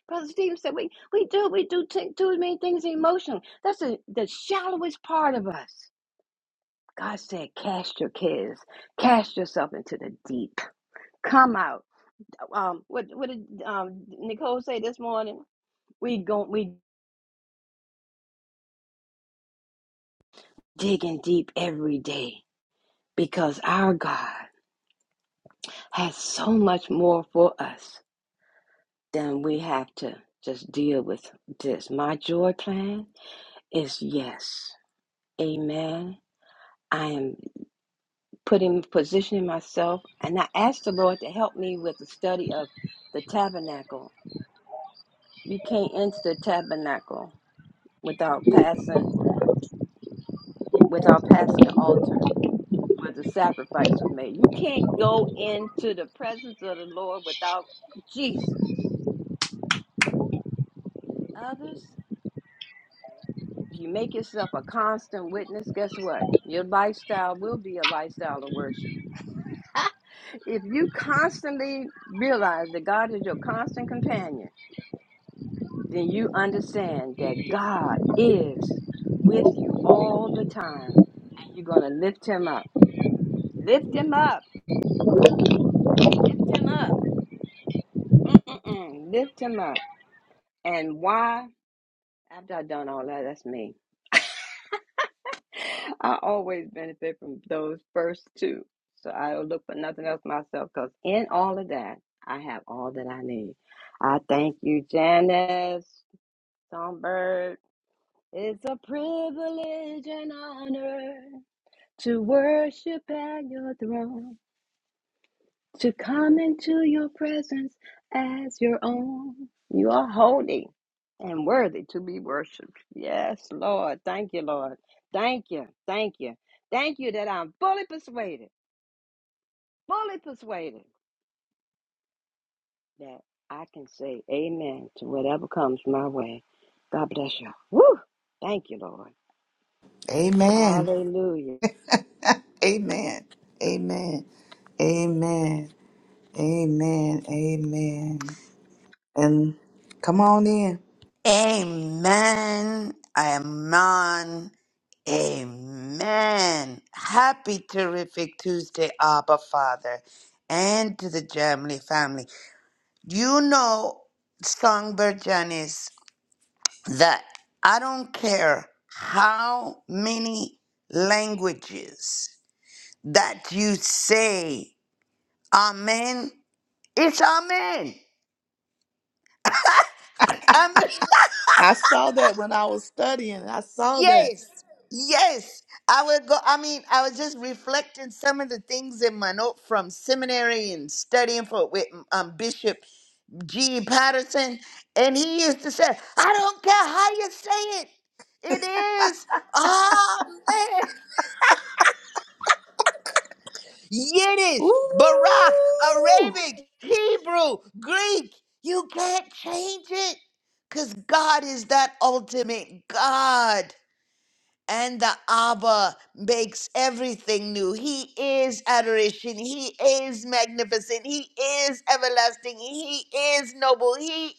Brother Steve said, we, we do, we do t- too many things emotionally. That's the the shallowest part of us. God said, cast your cares, cast yourself into the deep. Come out. Um, what, what did um, Nicole say this morning? We go, we digging deep every day because our God has so much more for us than we have to just deal with this. My joy plan is yes. Amen. I am. putting positioning myself and i asked the lord to help me with the study of the tabernacle you can't enter the tabernacle without passing without passing the altar where the sacrifice was made you can't go into the presence of the lord without jesus and others if you make yourself a constant witness guess what your lifestyle will be a lifestyle of worship *laughs* if you constantly realize that god is your constant companion then you understand that God is with you all the time, and you're going to lift him up. Lift him up. Lift him up. Mm-mm-mm. Lift him up. And why? After I've done all that, that's me. I always benefit from those first two. So I don't look for nothing else myself because in all of that, I have all that I need. I thank you, Janice, Songbird. It's a privilege and honor to worship at your throne, to come into your presence as your own. You are holy and worthy to be worshiped. Yes, Lord. Thank you, Lord. Thank you. Thank you. Thank you that I'm fully persuaded, fully persuaded that I can say amen to whatever comes my way. God bless you. Woo! Thank you, Lord. Amen. Hallelujah. Amen. Amen. Amen. Amen. Amen. And come on in. Amen, amen, amen. Happy terrific Tuesday, Abba Father, and to the Jamley family. You know, Songbird Janice, that I don't care how many languages that you say, Amen. It's Amen. Amen. *laughs* I saw that when I was studying. I saw that. Yes, yes. I would go. I mean, I was just reflecting some of the things in my note from seminary and studying for with um, Bishop G. Patterson, and he used to say, "I don't care how you say it. It is Amen, Yiddish, Barak, Ooh. Arabic, Hebrew, Greek. You can't change it, cause God is that ultimate God." and the Abba makes everything new. He is adoration. He is magnificent. He is everlasting. He is noble. He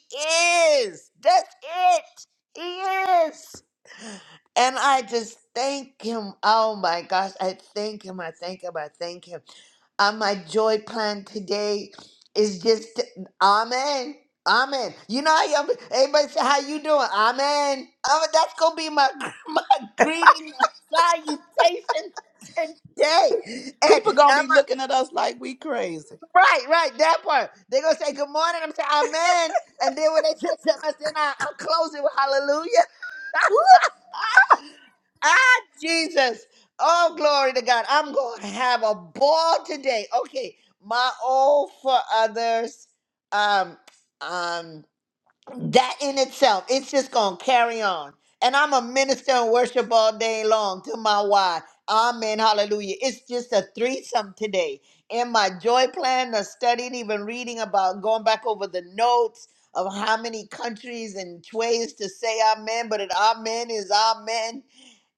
is. That's it. He is. And I just thank him. Oh my gosh. I thank him. I thank him. I thank him on my joy plan today is just amen amen you know how you, everybody say how you doing amen amen that's gonna be my *laughs* my greeting my salutation today People and gonna i'm be looking at us like we crazy. right right that part they're gonna say good morning i'm going to say amen and then when they *laughs* say something i say, nah, i'll close it with hallelujah Woo. Ah, Jesus. Oh, glory to God. I'm going to have a ball today. Okay. My old for others. Um, um, that in itself, it's just gonna carry on. And I'm a minister and worship all day long to my why. Amen. Hallelujah. It's just a threesome today. In my joy plan, I studied even reading about going back over the notes of how many countries and ways to say amen, but an amen is amen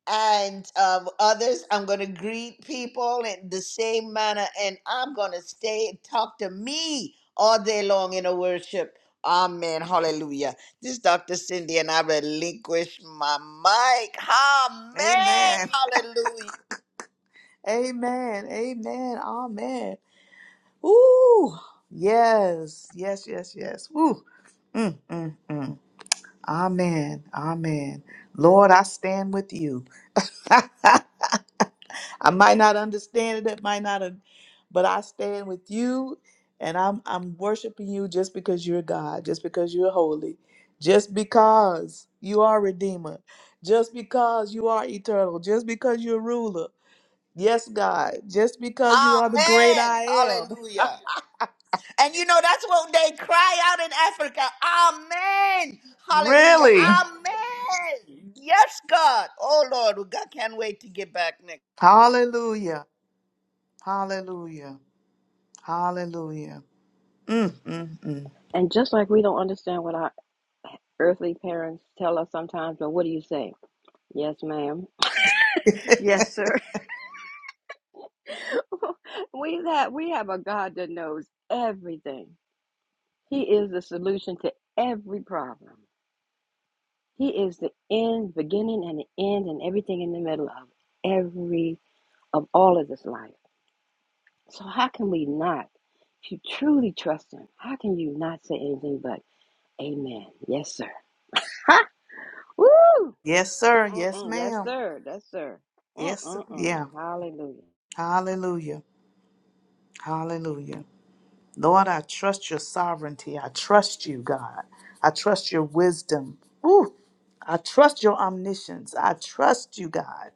and um, others. I'm going to greet people in the same manner, and I'm going to stay and talk to me all day long in a worship. Amen. Hallelujah. This is Dr. Cindy, and I relinquish my mic. Amen. Amen. Hallelujah. Amen. Amen. Amen. Ooh. Yes. Yes. Yes. Yes. Ooh. Mm, mm, mm. Amen. Amen. Lord, I stand with you. *laughs* I might not understand it, it might not, un- but I stand with you and I'm I'm worshiping you just because you're God, just because you're holy, just because you are redeemer, just because you are eternal, just because you're ruler. Yes, God, just because you are the great Amen. I am. *laughs* Hallelujah. And you know, that's what they cry out in Africa. Amen. Hallelujah. Really? Amen. Yes, God. Oh, Lord. God can't wait to get back next. Hallelujah. Hallelujah. Hallelujah. Mm, mm, And just like we don't understand what our earthly parents tell us sometimes, but what do you say? Yes, ma'am. mm. Yes, sir. *laughs* we have we have a God that knows everything. He is the solution to every problem. He is the end, beginning and the end and everything in the middle of every of all of this life. So how can we not if you truly trust him, how can you not say anything but amen? Yes, sir. Ha! Woo! *laughs* yes, sir. Yes, Mm-mm, yes, ma'am. sir. Yes, sir. Yes, Mm-mm-mm. yeah. Hallelujah. Hallelujah. Hallelujah. Lord, I trust your sovereignty. I trust you, God. I trust your wisdom. Ooh, I trust your omniscience. I trust you, God.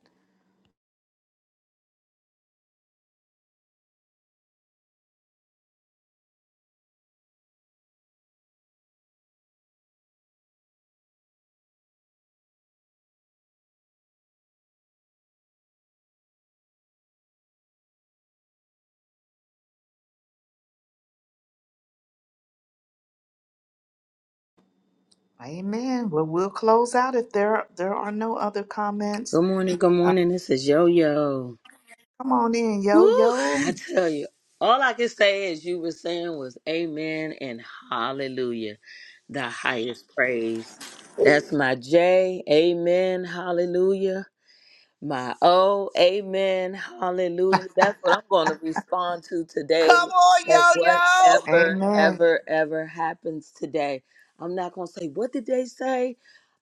Amen. Well, we'll close out if there there are no other comments. Good morning, good Uh, morning. This is Yo Yo. come on in, yo, Woo! I yo. tell you, all I can say as you were saying was Amen and Hallelujah, the highest praise. That's my J. Amen, Hallelujah. My oh, amen, hallelujah. That's what I'm going to respond to Come today. on, That yo, yo. whatever, Amen. ever, ever happens today, I'm not going to say, What did they say?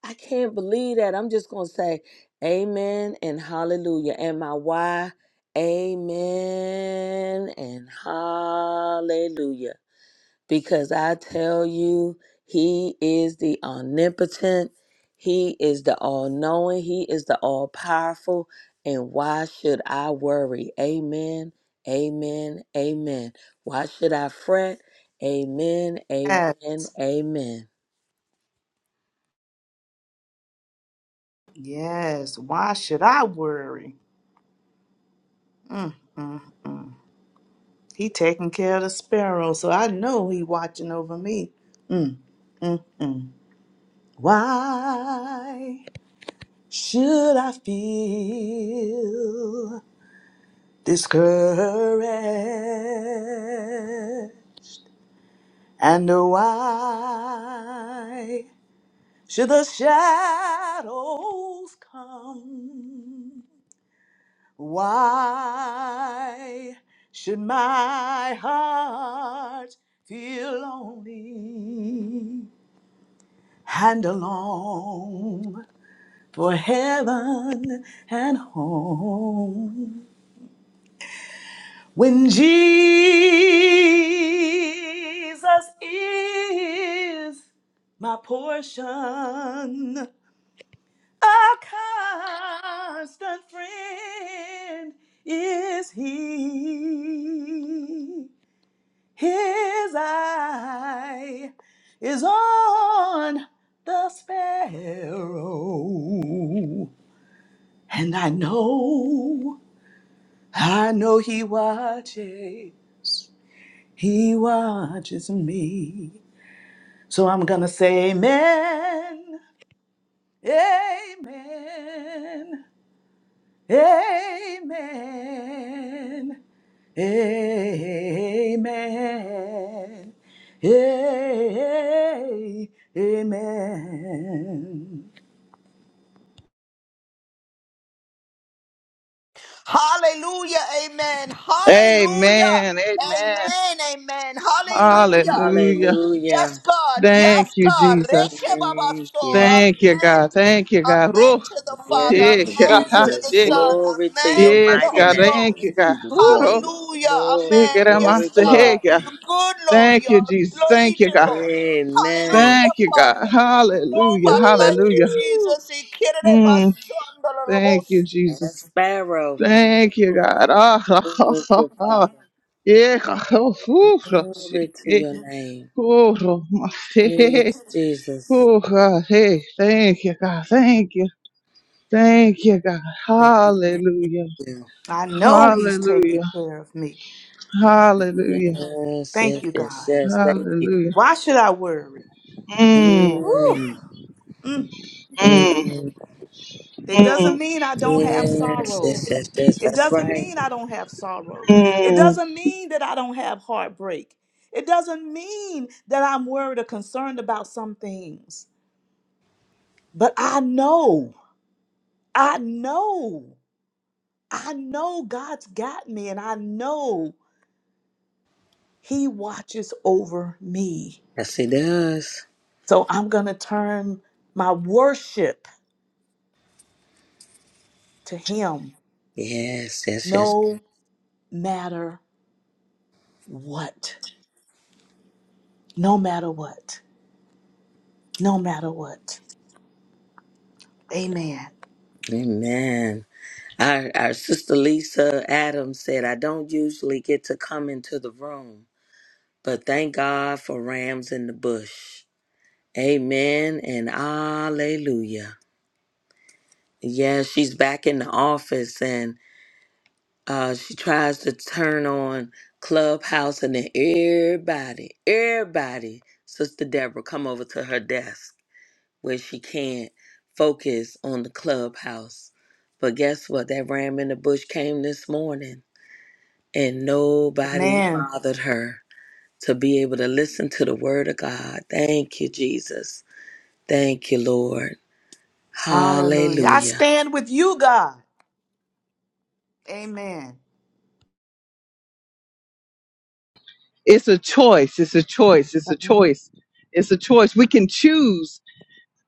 I can't believe that. I'm just going to say, Amen and hallelujah. And my why, Amen and hallelujah because I tell you, He is the omnipotent, He is the all knowing, He is the all powerful. And why should I worry? Amen, amen, amen. Why should I fret? Amen, Yes. amen, amen. Yes. Why should I worry? Mm, mm. He taking care of the sparrow, so I know he watching over me. Mm, mm, mm. Why? Should I feel discouraged? And why should the shadows come? Why should my heart feel lonely and alone for heaven and home? When Jesus is my portion, a constant friend is he. His eye is on the sparrow, and I know, I know he watches. He watches me. So I'm going to say amen. Amen. Amen. Amen. Amen. Hallelujah. Amen. Hallelujah. Amen. Amen. Amen. Amen. Hallelujah. Hallelujah. Hallelujah. Yes, God. Thank Yes, you, God. Jesus. Reke Thank babaso. you. Thank you, Amen. God. Thank you, God. Amen Ruh. to the Oh, you Father. need to get Yes, Yeah. back. Amen to the Jesus. *laughs* Son. Glory to Amen your to Yes, the mighty God. Holy name. Thank Oh, you, Ghost. Who God. is the smarter, Uro. John? Hallelujah. Glory, Amen. Yes, glory, God. Shikaramasahega. glory. You're good, Lord. Thank you, You're Jesus. Thank you, Legion, God. Lord. Amen. Hallelujah, Thank you, God. Father. Hallelujah. Nobody like you, Hallelujah. Woo! Jesus. He kidded it, my Mm, son, the little boy. thank you, And Jesus. Sparrow. Thank you, God. *laughs* Ha, ha, Glory ha, to Father. ha. Yeah, God. Oh, uro. Glory to your name. oh, Uro. Masehe. Yes, Jesus. Oh, God. Hey, thank you, God. Thank you. Thank you, God. Thank Hallelujah. you. I know he's taking Hallelujah. care of me. Hallelujah. Yes, Thank yes, you, yes, God. yes. Thank you. Hallelujah. Why should I worry? Mm. Mm, Woo. mm, It doesn't mean I don't have yes, yes, yes, sorrows. yes. It That's doesn't right. mean I don't have sorrows. It doesn't mean that I don't have heartbreak. It doesn't mean that I'm worried or concerned about some things. But I know, I know, I know God's got me and I know He watches over me. Yes, it does. So I'm going to turn my worship to Him Yes, yes, yes. no matter what. No matter what. no matter what. Amen. Amen. Our, our sister Lisa Adams said, I don't usually get to come into the room, but thank God for rams in the bush. Amen and hallelujah. Yeah, she's back in the office and uh, she tries to turn on Clubhouse and then everybody, everybody, Sister Deborah, come over to her desk where she can't focus on the Clubhouse. But guess what? That ram in the bush came this morning and nobody Amen. bothered her to be able to listen to the word of God. Thank you, Jesus. Thank you, Lord. Hallelujah. I Hallelujah. stand with you, God. Amen. It's a choice. It's a choice. It's a Amen. choice. It's a choice. We can choose.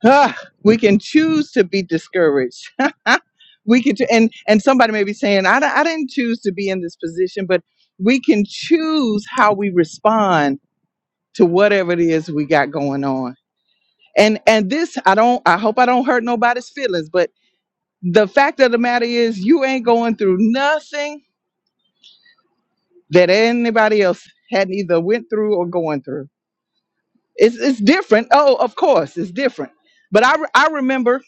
Ah, we can choose to be discouraged. *laughs* we can, and and somebody may be saying, I, di- I didn't choose to be in this position, but we can choose how we respond to whatever it is we got going on. And and this, I don't. I hope I don't hurt nobody's feelings, but the fact of the matter is, you ain't going through nothing that anybody else had either went through or going through It's it's different. Oh, of course, it's different. But I re- I remember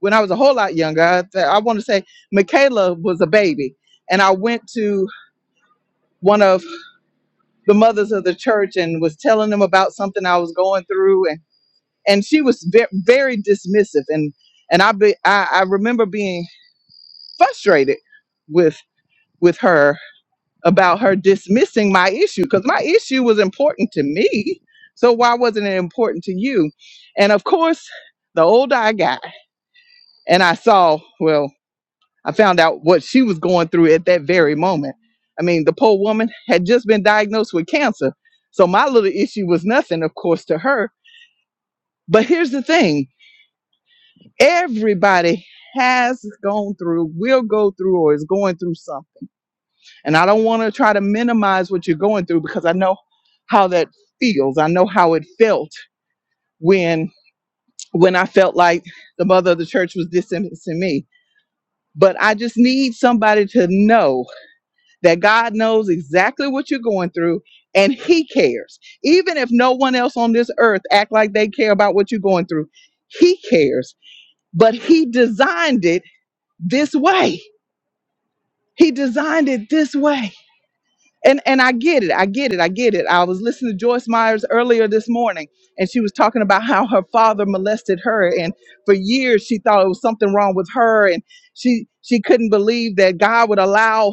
when I was a whole lot younger. I, th- I want to say Michaela was a baby, and I went to one of the mothers of the church and was telling them about something I was going through, and and she was ve- very dismissive, and and I be I, I remember being frustrated with with her about her dismissing my issue because my issue was important to me. So why wasn't it important to you? And of course, the older I got. and I saw, well, I found out what she was going through at that very moment. I mean, the poor woman had just been diagnosed with cancer. So my little issue was nothing, of course, to her. But here's the thing everybody has gone through, will go through, or is going through something. And I don't want to try to minimize what you're going through because I know how that feels. I know how it felt when when I felt like the mother of the church was distancing me. But I just need somebody to know that God knows exactly what you're going through and he cares. Even if no one else on this earth act like they care about what you're going through, he cares. But he designed it this way. He designed it this way. And and I get it. I get it. I get it. I was listening to Joyce Myers earlier this morning and she was talking about how her father molested her and for years she thought it was something wrong with her and she she couldn't believe that God would allow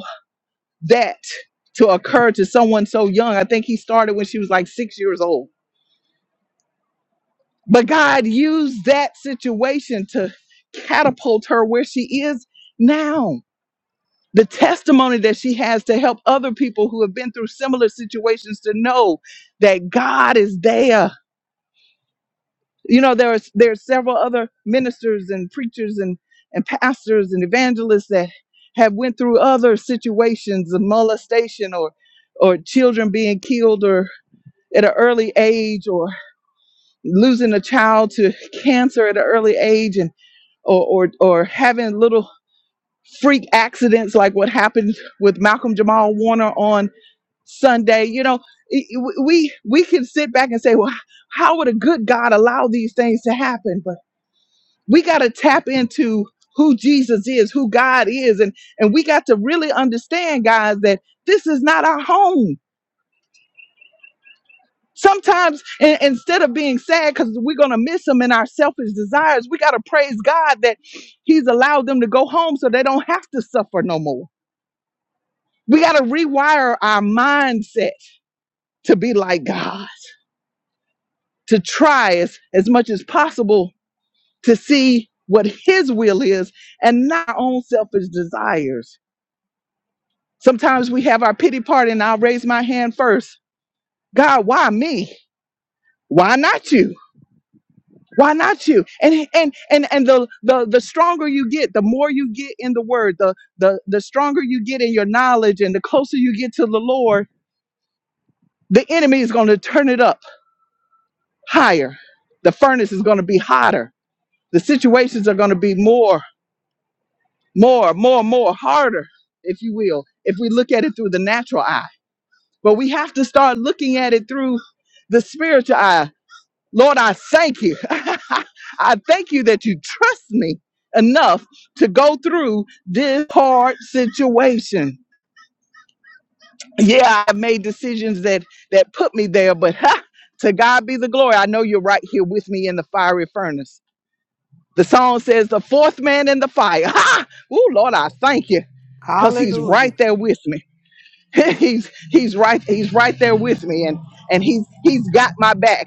that to occur to someone so young. I think he started when she was like six years old. But God used that situation to catapult her where she is now. The testimony that she has to help other people who have been through similar situations to know that God is there. You know, there are there are several other ministers and preachers and and pastors and evangelists that have went through other situations of molestation or or children being killed or at an early age or losing a child to cancer at an early age and or or, or having little freak accidents like what happened with Malcolm Jamal Warner on Sunday you know we we can sit back and say well how would a good God allow these things to happen but we got to tap into who Jesus is who God is and and we got to really understand guys that this is not our home Sometimes, in, instead of being sad because we're going to miss him in our selfish desires, we got to praise God that he's allowed them to go home so they don't have to suffer no more. We got to rewire our mindset to be like God, to try as, as much as possible to see what his will is and not our own selfish desires. Sometimes we have our pity party and I'll raise my hand first. God, why me? Why not you? Why not you? And and and and the the the stronger you get, the more you get in the word, the the the stronger you get in your knowledge and the closer you get to the Lord, the enemy is going to turn it up higher. The furnace is going to be hotter. The situations are going to be more more more more harder, if you will, if we look at it through the natural eye. But we have to start looking at it through the spiritual eye Lord, I thank you. *laughs* I thank you that you trust me enough to go through this hard situation. Yeah, I made decisions that that put me there, but *laughs* ha, to God be the glory. I know you're right here with me in the fiery furnace. The song says, "The fourth man in the fire." *laughs* Ha! Ooh, Lord, I thank you because he's right Hallelujah. there with me. *laughs* he's he's right he's right there with me, and and he's he's got my back.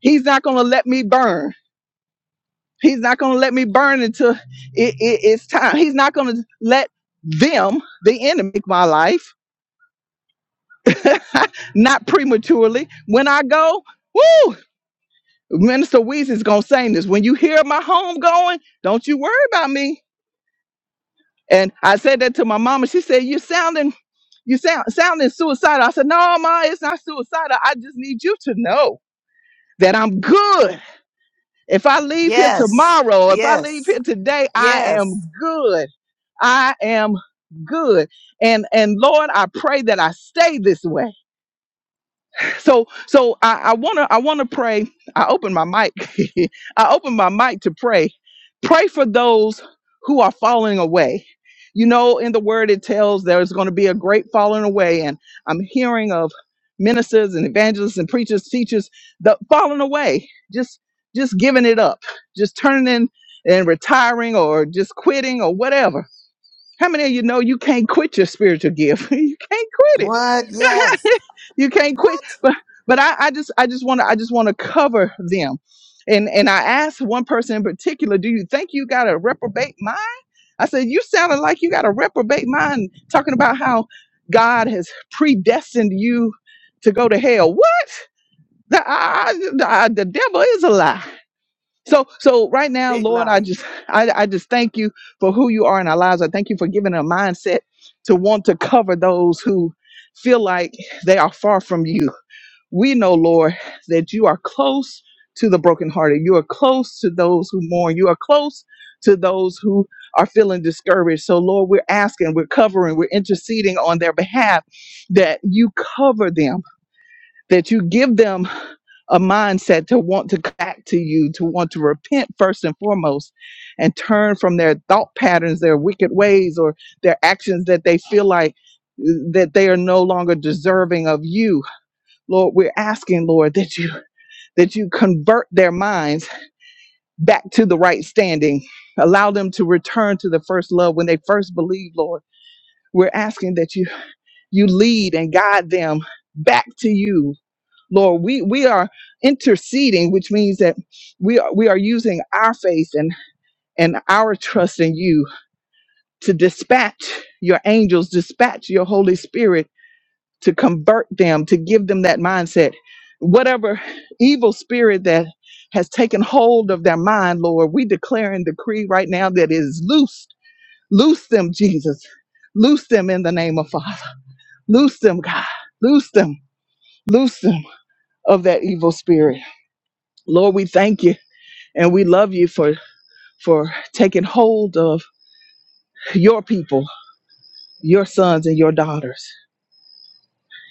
He's not gonna let me burn. He's not going to let me burn until it, it- it's time. He's not going to let them, the enemy, take my life, not prematurely. When I go, woo, Minister Weezy's going to sing this. When you hear my home going, don't you worry about me. And I said that to my mama. She said, you are sounding, you sound sounding suicidal. I said, no, ma, it's not suicidal. I just need you to know that I'm good If I leave here Yes. tomorrow, if I leave Yes. here today, I Yes. am good. I am good. And and Lord, I pray that I stay this way so so I, I wanna I wanna pray. I open my mic. *laughs* I open my mic to pray. Pray for those who are falling away. You know, in the word it tells there's gonna be a great falling away, and I'm hearing of ministers and evangelists and preachers, teachers, the falling away, just just giving it up, just turning in and retiring or just quitting or whatever how many of you know you can't quit your spiritual gift? *laughs* you can't quit What? Yes. it. *laughs* you can't quit. What? But but I, I just I just want to I just want to cover them. And and I asked one person in particular, do you think you got a reprobate mind? I said, you sounded like you got a reprobate mind, talking about how God has predestined you to go to hell. What? The, I, I- the, I- the devil is a lie. So, so right now, Big Lord, I lying. just, I, I just thank you for who you are in our lives. I thank you for giving a mindset to want to cover those who feel like they are far from you. We know, Lord, that you are close to the brokenhearted. You are close to those who mourn. You are close to those who are feeling discouraged. So, Lord, we're asking, we're covering, we're interceding on their behalf that you cover them, that you give them a mindset to want to come back to you, to want to repent first and foremost, and turn from their thought patterns, their wicked ways, or their actions that they feel like uh, that they are no longer deserving of you. Lord, we're asking, Lord, that you that you convert their minds back to the right standing. Allow them to return to the first love when they first believed, Lord. We're asking that you you lead and guide them back to you Lord, we we are interceding, which means that we are we are using our faith and and our trust in you to dispatch your angels, dispatch your Holy Spirit to convert them, to give them that mindset. Whatever evil spirit that has taken hold of their mind, Lord, we declare and decree right now that it is loosed. Loose them, Jesus. Loose them in the name of Father. Loose them, God. Loose them. Loose them of that evil spirit. Lord, we thank you. And we love you for for taking hold of your people, your sons and your daughters,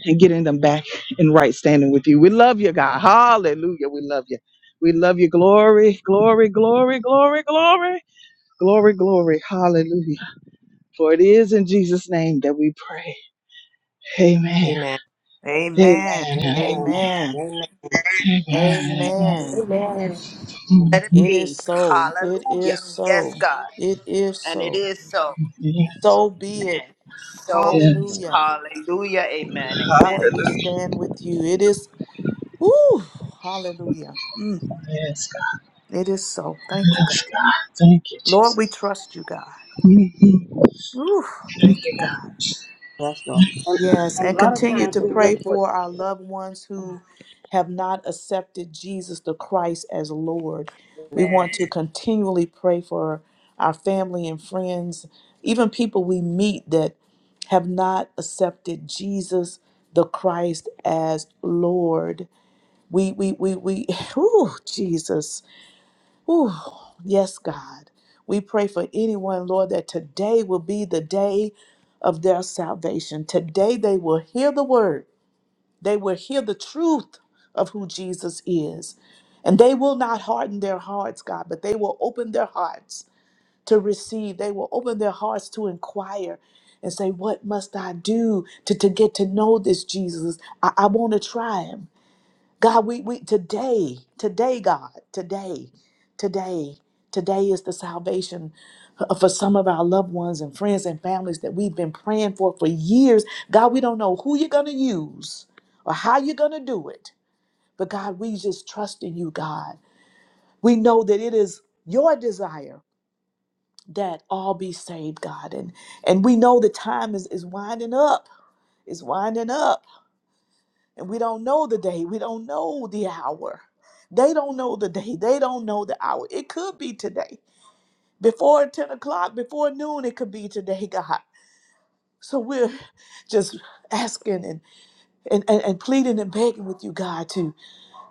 and getting them back in right standing with you. We love you, God. Hallelujah. We love you. We love you. Glory, glory, glory, glory, glory, glory, glory. Hallelujah. For it is in Jesus' name that we pray. Amen. Amen. Amen. Amen. Amen. Amen. Amen. Amen. Mm, Let it It is be. so. It Hallelujah. is Yes, so. God. It is And it so. is so. Yes. So be it. Amen. So be Yes, Amen. God. Hallelujah. it. hallelujah. Amen. Amen. Lord, we stand with you. It is, woo, hallelujah. Mm. Yes, God. It is so. Thank you, God. Yes, God. Thank you, Lord, we Jesus. trust you, God. Whew, thank you, God. Yes, Lord. And, Yes, and a and lot of continue times to we pray look for for our loved ones who have not accepted Jesus the Christ as Lord. We Amen. want to continually pray for our family and friends, even people we meet that have not accepted Jesus the Christ as Lord. We we we we *laughs* whew, Jesus. Whew. Yes, God. We pray for anyone, Lord, that today will be the day of their salvation. Today they will hear the word, they will hear the truth of who Jesus is. And they will not harden their hearts, God, but they will open their hearts to receive. They will open their hearts to inquire and say, What must I do to, to get to know this Jesus? I, I want to try him. God, we, we today, today, God, today, today, today is the salvation f- for some of our loved ones and friends and families that we've been praying for for years. God, we don't know who you're going to use or how you're going to do it, but God, we just trust in you, God. We know that it is your desire that all be saved, God, and and we know the time is is winding up. It's winding up And we don't know the day. We don't know the hour. They don't know the day. They don't know the hour. It could be today. Before 10 o'clock, before noon, it could be today, God. So we're *laughs* just asking and, and, and, and pleading and begging with you, God, to,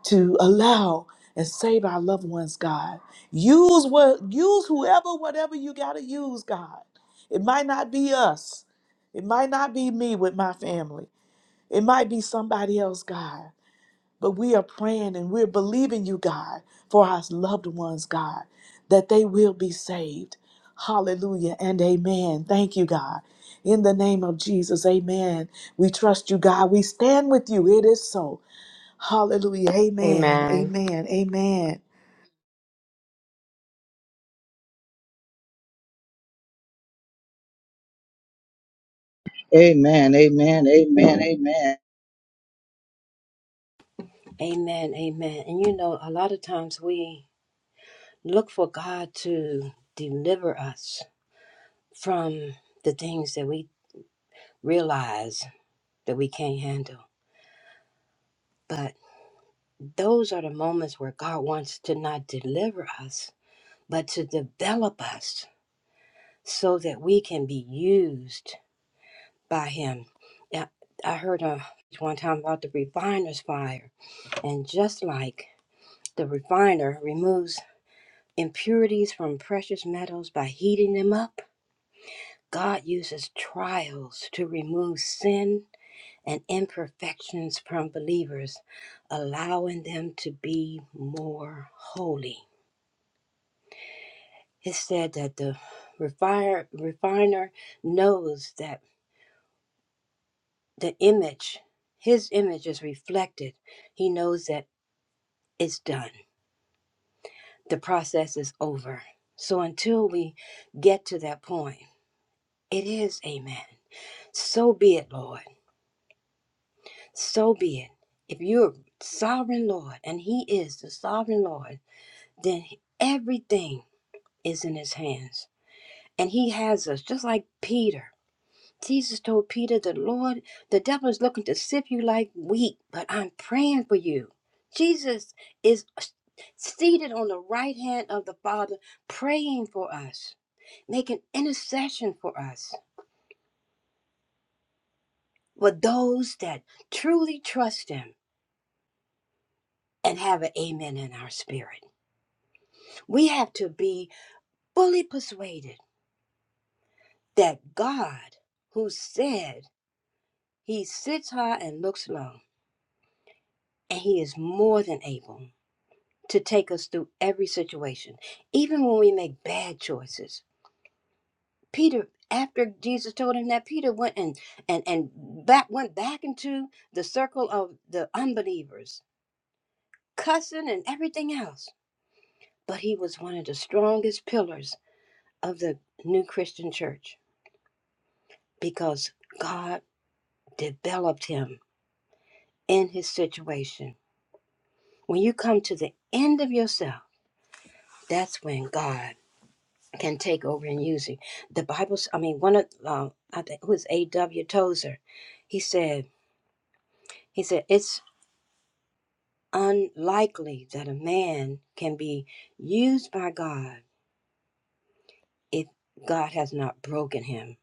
to allow and save our loved ones, God. Use what use whoever, whatever you gotta use, God. It might not be us. It might not be me with my family. It might be somebody else, God. But we are praying and we're believing you, God, for our loved ones, God, that they will be saved. Hallelujah and amen. Thank you, God. In the name of Jesus, amen. We trust you, God. We stand with you. It is so. Hallelujah. Amen. Amen. Amen. Amen. Amen. Amen. And you know, a lot of times we look for God to deliver us from the things that we realize that we can't handle. But those are the moments where God wants to not deliver us, but to develop us so that we can be used by Him. Yeah, I heard uh, one time about the refiner's fire And just like the refiner removes impurities from precious metals by heating them up, God uses trials to remove sin and imperfections from believers, allowing them to be more holy. It said that the refiner, refiner knows that the image, his image is reflected. He knows that it's done the process is over. So until we get to that point, it is amen. So be it, Lord. So be it. If you're sovereign Lord and He is the sovereign Lord, then everything is in His hands. And He has us, just like Peter. Jesus told Peter, The Lord, the devil is looking to sift you like wheat, but I'm praying for you. Jesus is seated on the right hand of the Father, praying for us. make an intercession for us, for those that truly trust Him and have an amen in our spirit. We have to be fully persuaded that God, who said He sits high and looks low, and He is more than able to take us through every situation, even when we make bad choices. Peter, after Jesus told him that, Peter went and and and back went back into the circle of the unbelievers, cussing and everything else but he was one of the strongest pillars of the new Christian church because God developed him in his situation. When you come to the end of yourself, that's when God can take over and use you. The Bible, I mean, one of uh, I think who is A.W. Tozer, he said, he said it's unlikely that a man can be used by God if God has not broken him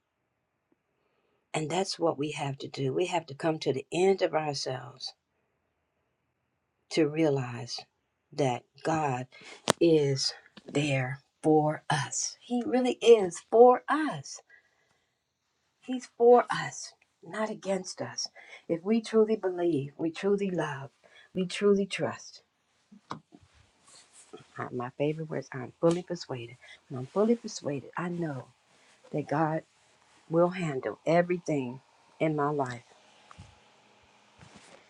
And that's what we have to do. We have to come to the end of ourselves to realize that God is there for us. He really is for us. He's for us, not against us. If we truly believe, we truly love, we truly trust. Uh, My favorite words I'm fully persuaded. When I'm fully persuaded, I know that God will handle everything in my life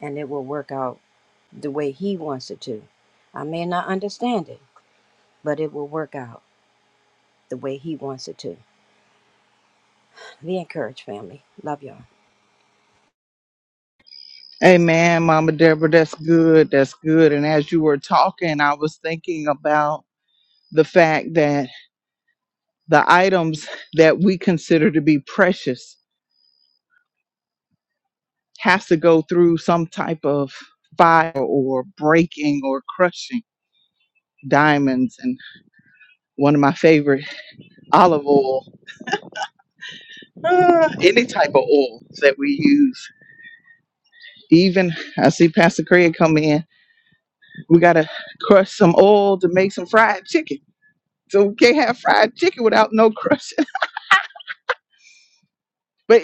and it will work out the way He wants it to. I may not understand it, but it will work out the way He wants it to. Be encouraged, family. Love y'all. Amen, Mama Deborah. That's good. That's good. And as you were talking, I was thinking about the fact that the items that we consider to be precious has to go through some type of fire or breaking or crushing diamonds and one of my favorite olive oil any type of oil. we got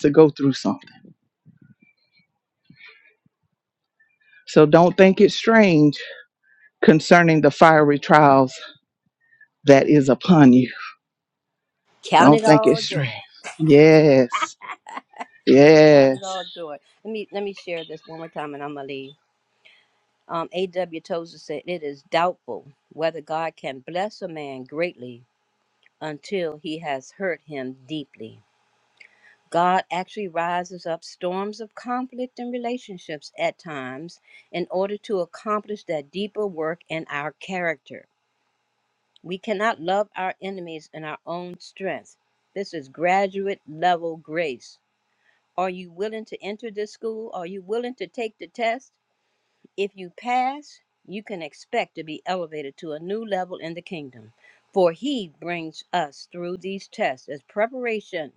to go through something so don't think it's strange concerning the fiery trials that is upon you Count don't it think it's all strange joy. yes Count yes it all joy. Let me let me share this one more time, and I'm gonna leave. Um, A.W. Tozer said it is doubtful whether God can bless a man greatly until he has hurt him deeply. God actually rises up storms of conflict and relationships at times in order to accomplish that deeper work in our character. We cannot love our enemies in our own strength. This is graduate level grace. Are you willing to enter this school? Are you willing to take the test? If you pass, you can expect to be elevated to a new level in the kingdom. For he brings us through these tests as preparation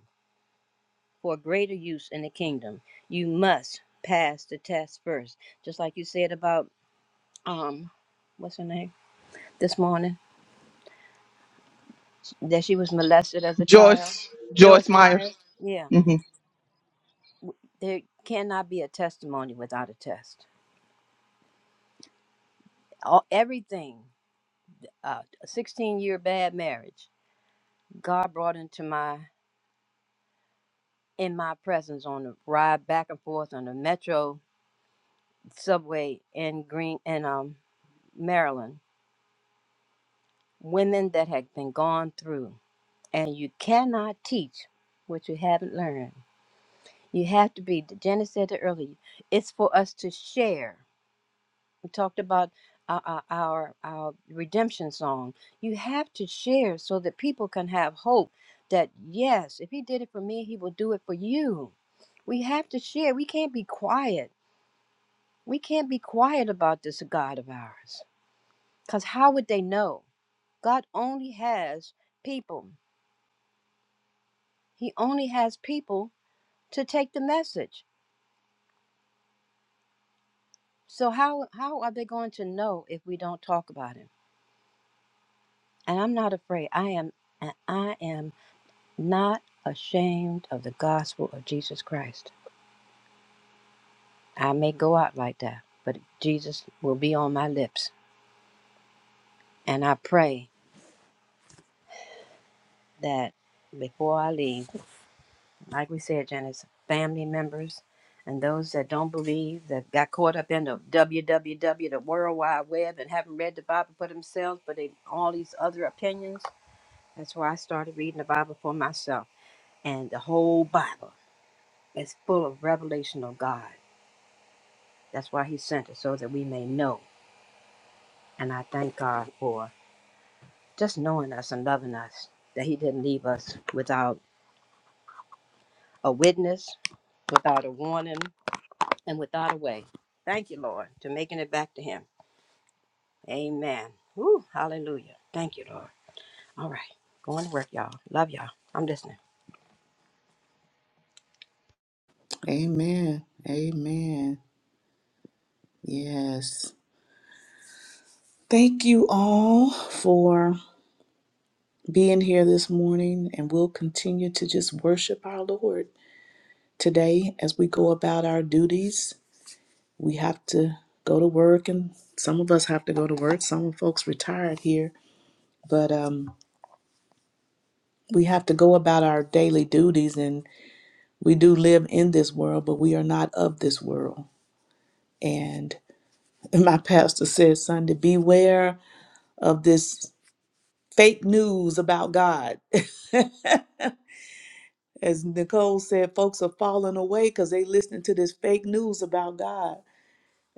for greater use in the kingdom. You must pass the test first. Just like you said about um what's her name this morning? that she was molested as a child. Joyce Meyer. Yeah, there cannot be a testimony without a test. All, everything. Uh, a 16-year bad marriage. God brought into my in my presence on the ride back and forth on the metro subway in Green in um Maryland. Women that had been gone through, and you cannot teach what you haven't learned. You have to be. Jenna said it earlier. It's for us to share. We talked about our, our our our redemption song. You have to share so that people can have hope that yes, if he did it for me, he will do it for you. We have to share. We can't be quiet. We can't be quiet about this God of ours. Cuz how would they know? God only has people. He only has people to take the message. So how how are they going to know if we don't talk about him? And I'm not afraid. I am I am not ashamed of the gospel of Jesus Christ. I may go out like that, but Jesus will be on my lips. And I pray that before I leave, like we said, Janice, family members and those that don't believe, that got caught up in the WWW, the World Wide Web, and haven't read the Bible for themselves, but they, all these other opinions. That's why I started reading the Bible for myself. And the whole Bible is full of revelation of God. That's why He sent it, so that we may know And I thank God for just knowing us and loving us, that He didn't leave us without a witness, without a warning, and without a way. Thank you, Lord, to making it back to Him. Amen. Woo, hallelujah. Thank you, Lord. All right. Going to work, y'all. Love y'all. I'm listening. Amen. Amen. Yes. Thank you all for being here this morning, and we'll continue to just worship our Lord. Today, as we go about our duties, we have to go to work, and some of us have to go to work. Some folks retired here, but um, we have to go about our daily duties, and we do live in this world, but we are not of this world. And *laughs* my pastor says, Sunday, beware of this fake news about God. *laughs* As Nicole said, folks are falling away because they listening to this fake news about God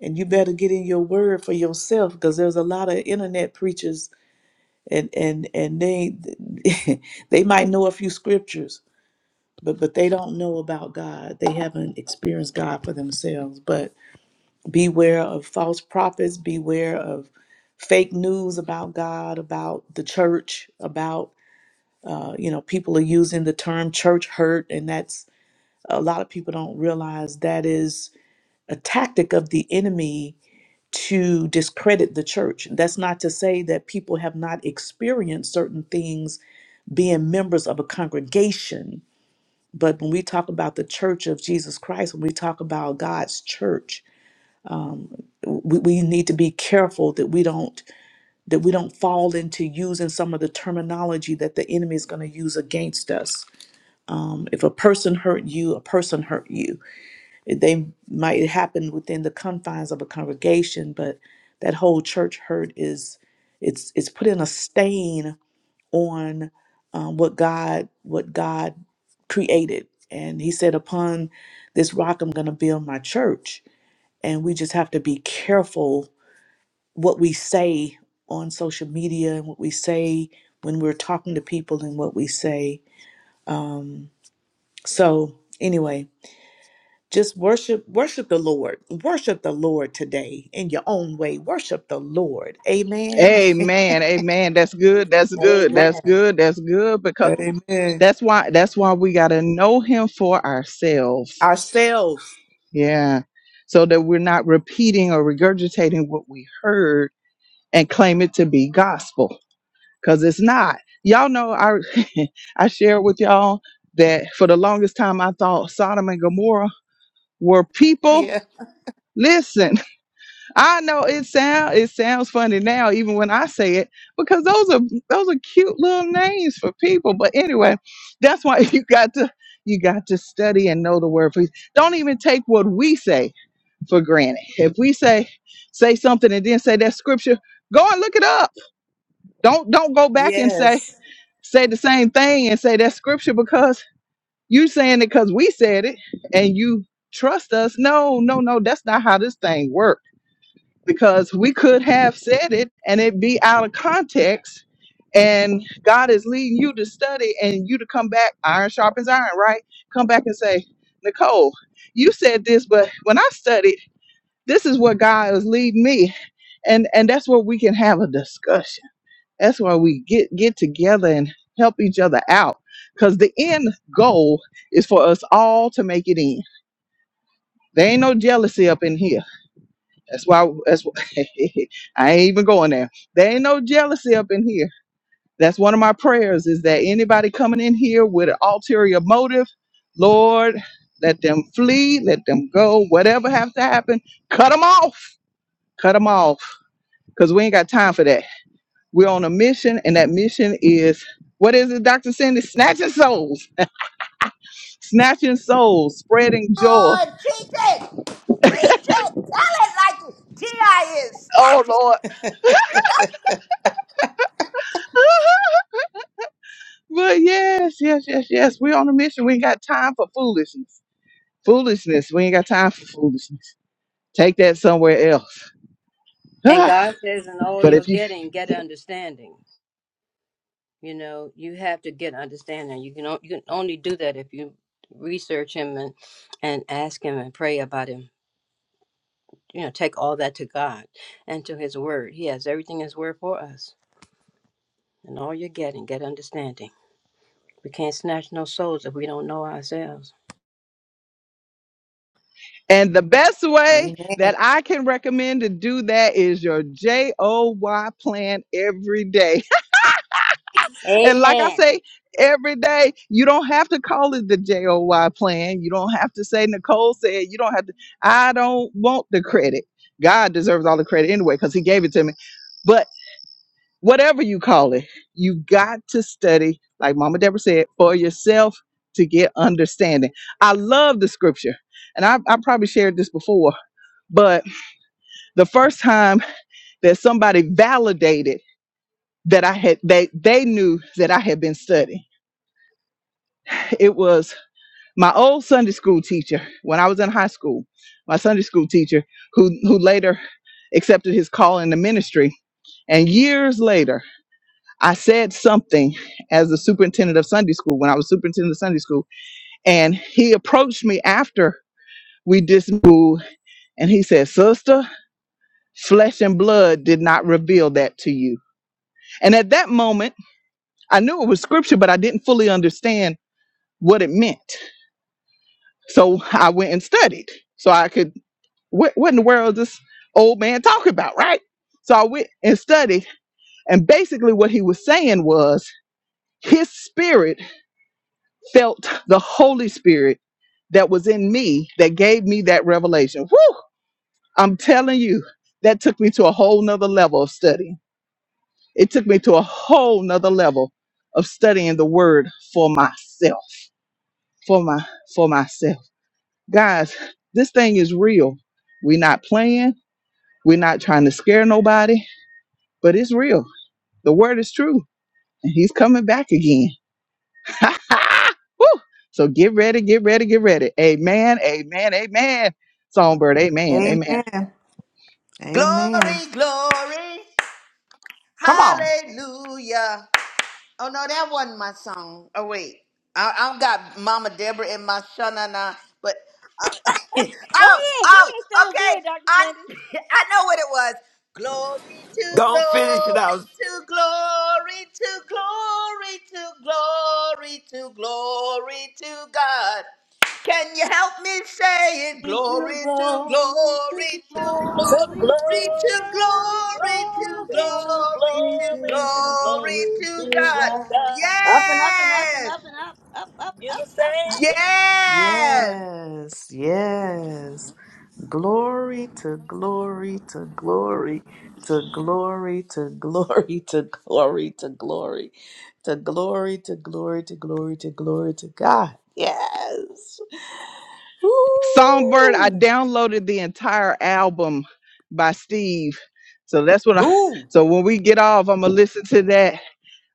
and you better get in your word for yourself because there's a lot of internet preachers and and and they *laughs* they might know a few scriptures but but they don't know about god they haven't experienced god for themselves but beware of false prophets beware of fake news about god about the church about uh, you know people are using the term church hurt and that's a lot of people don't realize that is a tactic of the enemy to discredit the church. That's not to say that people have not experienced certain things being members of a congregation. But when we talk about the church of Jesus Christ, when we talk about God's church, we, we need to be careful that we don't that we don't fall into using some of the terminology that the enemy is going to use against us. Um, if a person hurt you, a person hurt you They might it happen within the confines of a congregation, but that whole church hurt is it's it's putting a stain on um, what God what God created. And He said, "Upon this rock, I'm going to build my church." And we just have to be careful what we say on social media and what we say when we're talking to people and what we say. Um, so anyway, just worship worship the lord worship the lord today in your own way worship the lord amen amen amen that's good that's good Amen. that's Amen. good that's good because *laughs* Amen. That's why that's why we got to know him for ourselves. ourselves Yeah. So that we're not repeating or regurgitating what we heard and claim it to be gospel cuz it's not. Y'all know I *laughs* I shared with y'all that for the longest time I thought Sodom and Gomorrah were people yeah listen I know it sound it sounds funny now, even when I say it, because those are those are cute little names for people. But anyway, that's why *laughs* you got to you got to study and know the word. For don't even take what we say for granted. If we say say something and then say that scripture, go and look it up. Don't don't go back and say Yes. say the same thing and say that scripture because you saying it because we said it and you trust us. No, no, no, that's not how this thing works because we could have said it and it be out of context. And God is leading you to study and you to come back, iron sharpens iron, right? Come back and say, Nicole, you said this, but when I studied, this is what God is leading me. And and that's where we can have a discussion. That's where we get get together and help each other out. Cause the end goal is for us all to make it in. There ain't no jealousy up in here that's why. That's why, *laughs* I ain't even going there. There ain't no jealousy up in here. That's one of my prayers. Is that anybody coming in here with an ulterior motive, Lord, let them flee, let them go. Whatever has to happen, cut them off. Cut them off, cause we ain't got time for that. We're on a mission, and that mission is what is it, Doctor Cindy? Snatching souls, snatching souls, spreading joy. Lord, teach it. Preach it. Tell it like T.I. is. Oh Snatch it. Lord. *laughs* But yes, yes, yes, yes. We're on a mission. We ain't got time for foolishness. Foolishness. We ain't got time for foolishness. Take that somewhere else. *sighs* And but God says, in all you're if you getting, get understanding. You know, you have to get understanding. You can, o- you can only do that if you research Him and, and ask Him and pray about Him you know, take all that to God and to His Word. He has everything in His Word for us. And all you're getting, get understanding. We can't snatch no souls if we don't know ourselves. and the best way Amen. that I can recommend to do that is your J O Y plan every day. *laughs* and like I Amen. say, every day you don't have to call it the J O Y plan. You don't have to say Nicole said. You don't have to. I don't want the credit. God deserves all the credit anyway because He gave it to me. But. whatever you call it, you got to study, like Mama Deborah said, for yourself to get understanding. I love the scripture, and I, I probably shared this before, but the first time that somebody validated that I had, they they knew that I had been studying. It was my old Sunday school teacher when I was in high school, my Sunday school teacher who who later accepted his call in the ministry, and years later. I said something as the superintendent of Sunday school when I was superintendent of Sunday school, and he approached me after we dismoved, and he said, "Sister, flesh and blood did not reveal that to you." And at that moment, I knew it was scripture, but I didn't fully understand what it meant. So I went and studied, so I could. What, what in the world is this old man talking about, right? So I went and studied, and basically what he was saying was his spirit felt the Holy Spirit that was in me that gave me that revelation. Whew! I'm telling you, that took me to a whole nother level of study. It took me to a whole nother level of studying the word for myself. For my for myself. Guys, this thing is real. We're not playing. We're not trying to scare nobody, but it's real. The word is true. And he's coming back again. So amen, amen. Songbird, amen. Amen. Amen. Amen. Glory, glory. Come on. Hallelujah. Oh no, that wasn't my song. Oh wait, I, I got Mama Deborah in my shanana, but uh, *laughs* Go oh ahead. Go oh ahead. Sound okay, good, Dr. I Sunday. *laughs* I know what it was. Glory to Don't finish it glory out. to glory to glory to glory to glory to God. Can you help me say it? It's a Glory to glory to glory to To glory glory to to glory, to glory glory to to glory, to glory glory to glory, to to glory glory to glory to God. to God. God. Up and up and up and Yes, up and up, up, up, You're up, the up, up. Savior. yes, Yes. Yes. Glory to glory to glory to glory to glory *laughs* to glory to glory to glory to glory to glory to glory to God. Yes. Songbird, I Ooh. downloaded the entire album by Steve. So that's what I Ooh. so when we get off, I'm gonna listen to that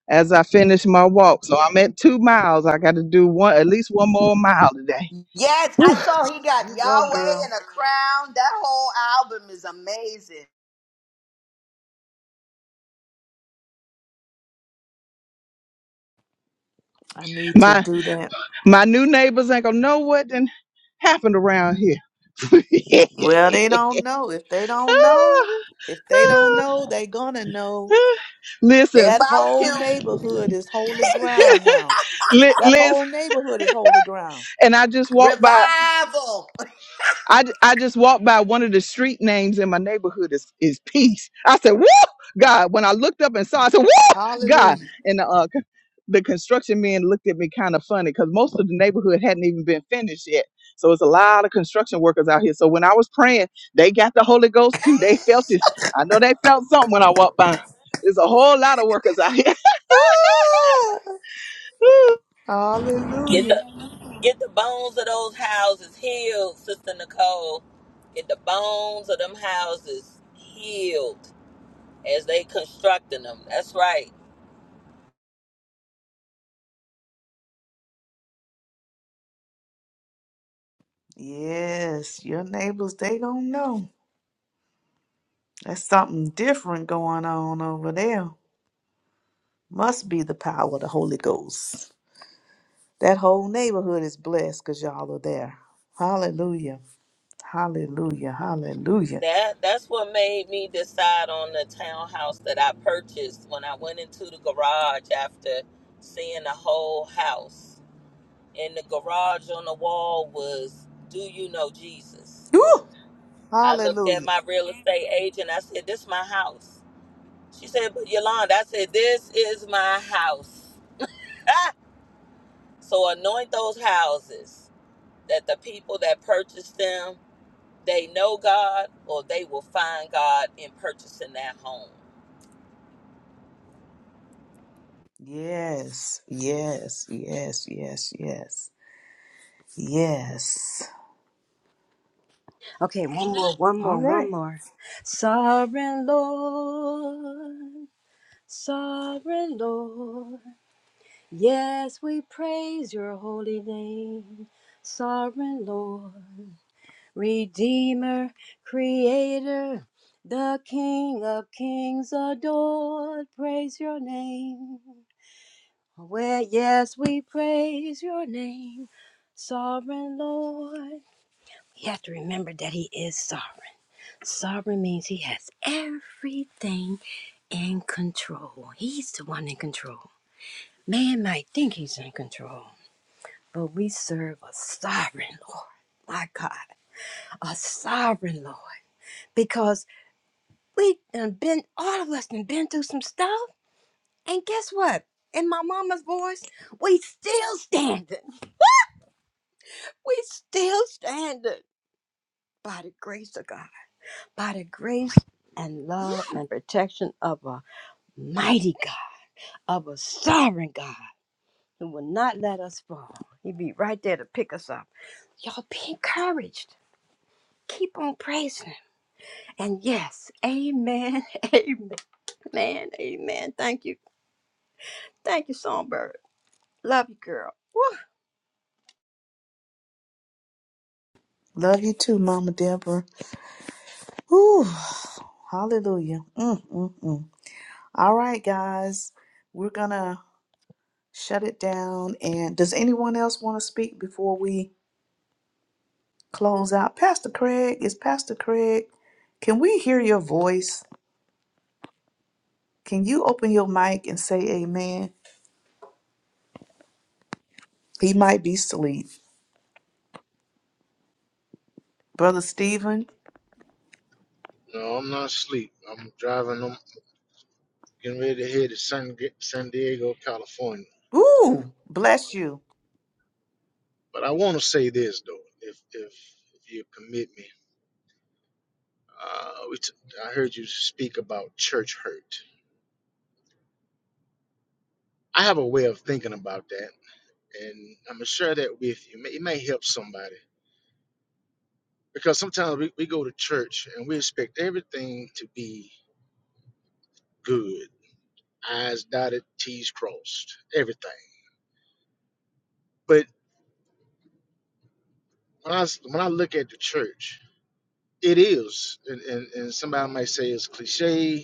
as I finish my walk. So I'm at two miles. I gotta do one at least one more mile today. yes. I Whew. saw he got You go, Yahweh girl. and a crown. That whole album is amazing. I need to My do that. my new neighbors ain't gonna know what done happened around here. *laughs* Well, they don't know. If they don't know, Ah, if they don't ah, know, they gonna know. ah. They Listen, That about whole to neighborhood is holy ground now. li- That listen, whole neighborhood is holy ground. and I just walked by. revival. *laughs* I, j- I just walked by one of the street names in my neighborhood is, is Peace. I said, Woo! God. When I looked up and saw, I said, Woo! God. Hallelujah. And the, uh, c- the construction men looked at me kind of funny because most of the neighborhood hadn't even been finished yet. So it's a lot of construction workers out here. So when I was praying, they got the Holy Ghost too. They felt it. I know they felt something when I walked by. There's a whole lot of workers out here. Ah, Get hallelujah. the get the bones of those houses healed, Sister Nicole. Get the bones of them houses healed as they constructing them. That's right. Yes, your neighbors, they don't know. That's something different going on over there. Must be the power of the Holy Ghost. That whole neighborhood is blessed because y'all are there. Hallelujah. Hallelujah. Hallelujah. That that's what made me decide on the townhouse that I purchased when I went into the garage after seeing the whole house and the garage on the wall was do you know jesus Woo! i looked at Hallelujah. my real estate agent i said this is my house she said but yolanda i said this is my house *laughs* Ah! so anoint those houses that the people that purchase them they know god or they will find god in purchasing that home Yes. Yes. Yes. Yes. Yes. Yes. Okay, one more, one more, All one right. more. Sovereign Lord, Sovereign Lord, yes, we praise your holy name. Sovereign Lord, Redeemer, Creator, the King of Kings adored, praise your name. Well, yes, we praise your name, Sovereign Lord. You have to remember that He is sovereign. Sovereign means he has everything in control. He's the one in control. Man might think he's in control, but we serve a sovereign Lord. My God, a sovereign Lord. Because we done been, all of us done been through some stuff. And guess what? In my mama's voice, we still standing. We still standing by the grace of God, by the grace and love and protection of a mighty God. of a sovereign God who will not let us fall. He'd be right there to pick us up. Y'all be encouraged. Keep on praising him. And yes, amen, *laughs* amen, amen. Thank you. Thank you, Songbird. Love you, girl. Woo. Love you too, Mama Deborah. Woo. Hallelujah. Mm, mm, mm. All right, guys. We're going to shut it down. And does anyone else want to speak before we close out? Pastor Craig, is Pastor Craig, can we hear your voice? Can you open your mic and say amen? He might be asleep. Brother Stephen, No, I'm not asleep. I'm driving. I'm getting ready to head to San, San Diego, California. ooh, bless you. But I want to say this though, if if, if you permit me, uh, we t- I heard you speak about church hurt. I have a way of thinking about that, and I'm gonna share that with you. It may, it may help somebody because sometimes we, we go to church and we expect everything to be good, I's dotted, T's crossed, everything. But when I s- when I look at the church. It is, and, and, and somebody might say it's cliche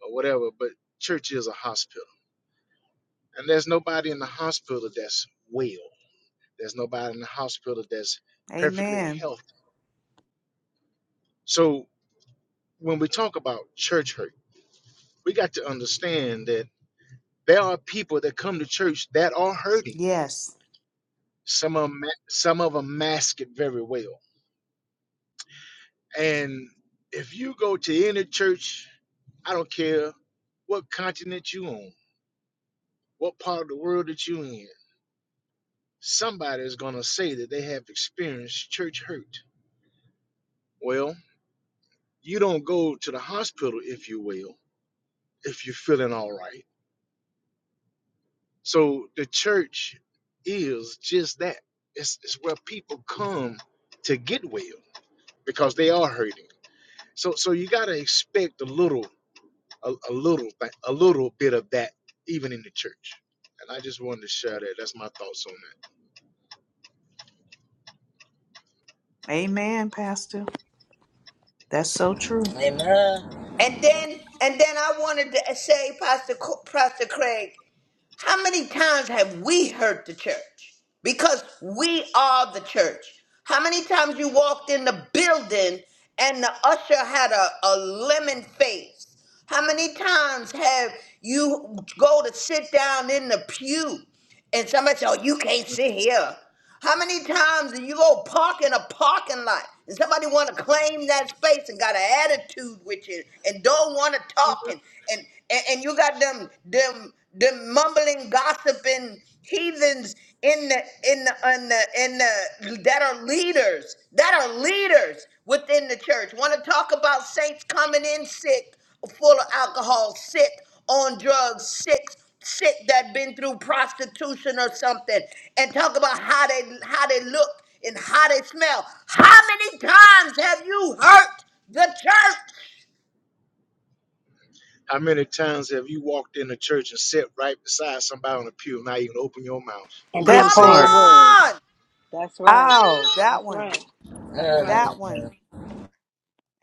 or whatever, but church is a hospital. And there's nobody in the hospital that's well. There's nobody in the hospital that's perfectly Amen. healthy. So when we talk about church hurt, we got to understand that there are people that come to church that are hurting. Yes. Some of them, some of them mask it very well. And if you go to any church, I don't care what continent you on, what part of the world that you in. somebody is going to say that they have experienced church hurt. Well, you don't go to the hospital, if you will, if you're feeling all right. So the church is just that it's, it's where people come to get well because they are hurting. So, so you got to expect a little, a, a little, a little bit of that even in the church. And I just wanted to share that. That's my thoughts on Amen, Pastor. That's so true. amen And then and then I wanted to say, Pastor Co- Pastor Craig, How many times have we hurt the church? Because we are the church. How many times you walked in the building and the usher had a, a lemon face? How many times have you go to sit down in the pew and somebody said, oh, you can't sit here. How many times do you go park in a parking lot and somebody want to claim that space and got an attitude with you and don't want to that. talk and, and and and you got them them them mumbling gossiping heathens in the in the in the, in the that are leaders that are leaders within the church want to talk about saints coming in sick full of alcohol sick on drugs sick chick that been through prostitution or something and talk about how they how they look and how they smell. How many times have you hurt the church? How many times have you walked in a church and sat right beside somebody on the pew, not even open your mouth and Come to That didn't say say a good part. morning? word. on! That's right. Oh, that That's one. right. That's right. That one.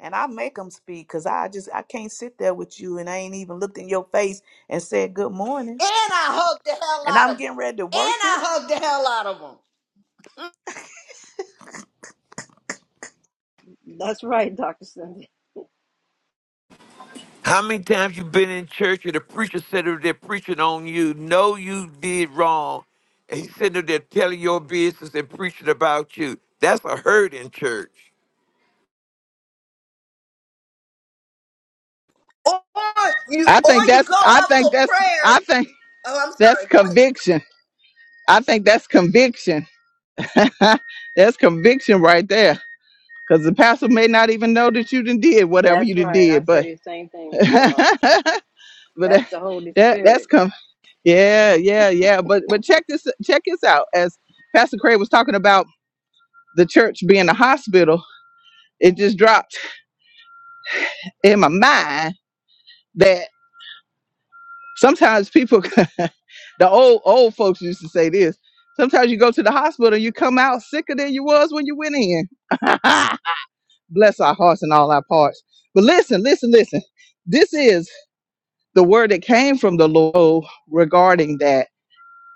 And I make them speak because I just, I can't sit there with you and I ain't even looked in your face and said good morning. And I hugged the hell And out I'm of them. getting ready to And worship. I hugged the hell out of them. That's right, Dr. Cindy. How many times you been in church and the preacher said that they're preaching on you? No, you did wrong. And he's sitting up there telling your business and preaching about you. That's a hurt in church. Or *laughs* you I think or you that's, go I up think for that's, prayer. I think Oh, I'm that's sorry. Go ahead. conviction. I think that's conviction *laughs* That's conviction right there. Because the pastor may not even know that you done did whatever you That's done right. I did, said but the same *laughs* but thing, Nicole. That's that, the Holy that that's Spirit. come. Yeah, yeah, yeah. But but check this check this out. As Pastor Craig was talking about the church being a hospital, it just dropped in my mind that sometimes people, *laughs* the old old folks used to say this. Sometimes you go to the hospital and you come out sicker than you was when you went in. *laughs* bless our hearts and all our parts. But listen, listen, listen. This is the word that came from the Lord regarding that.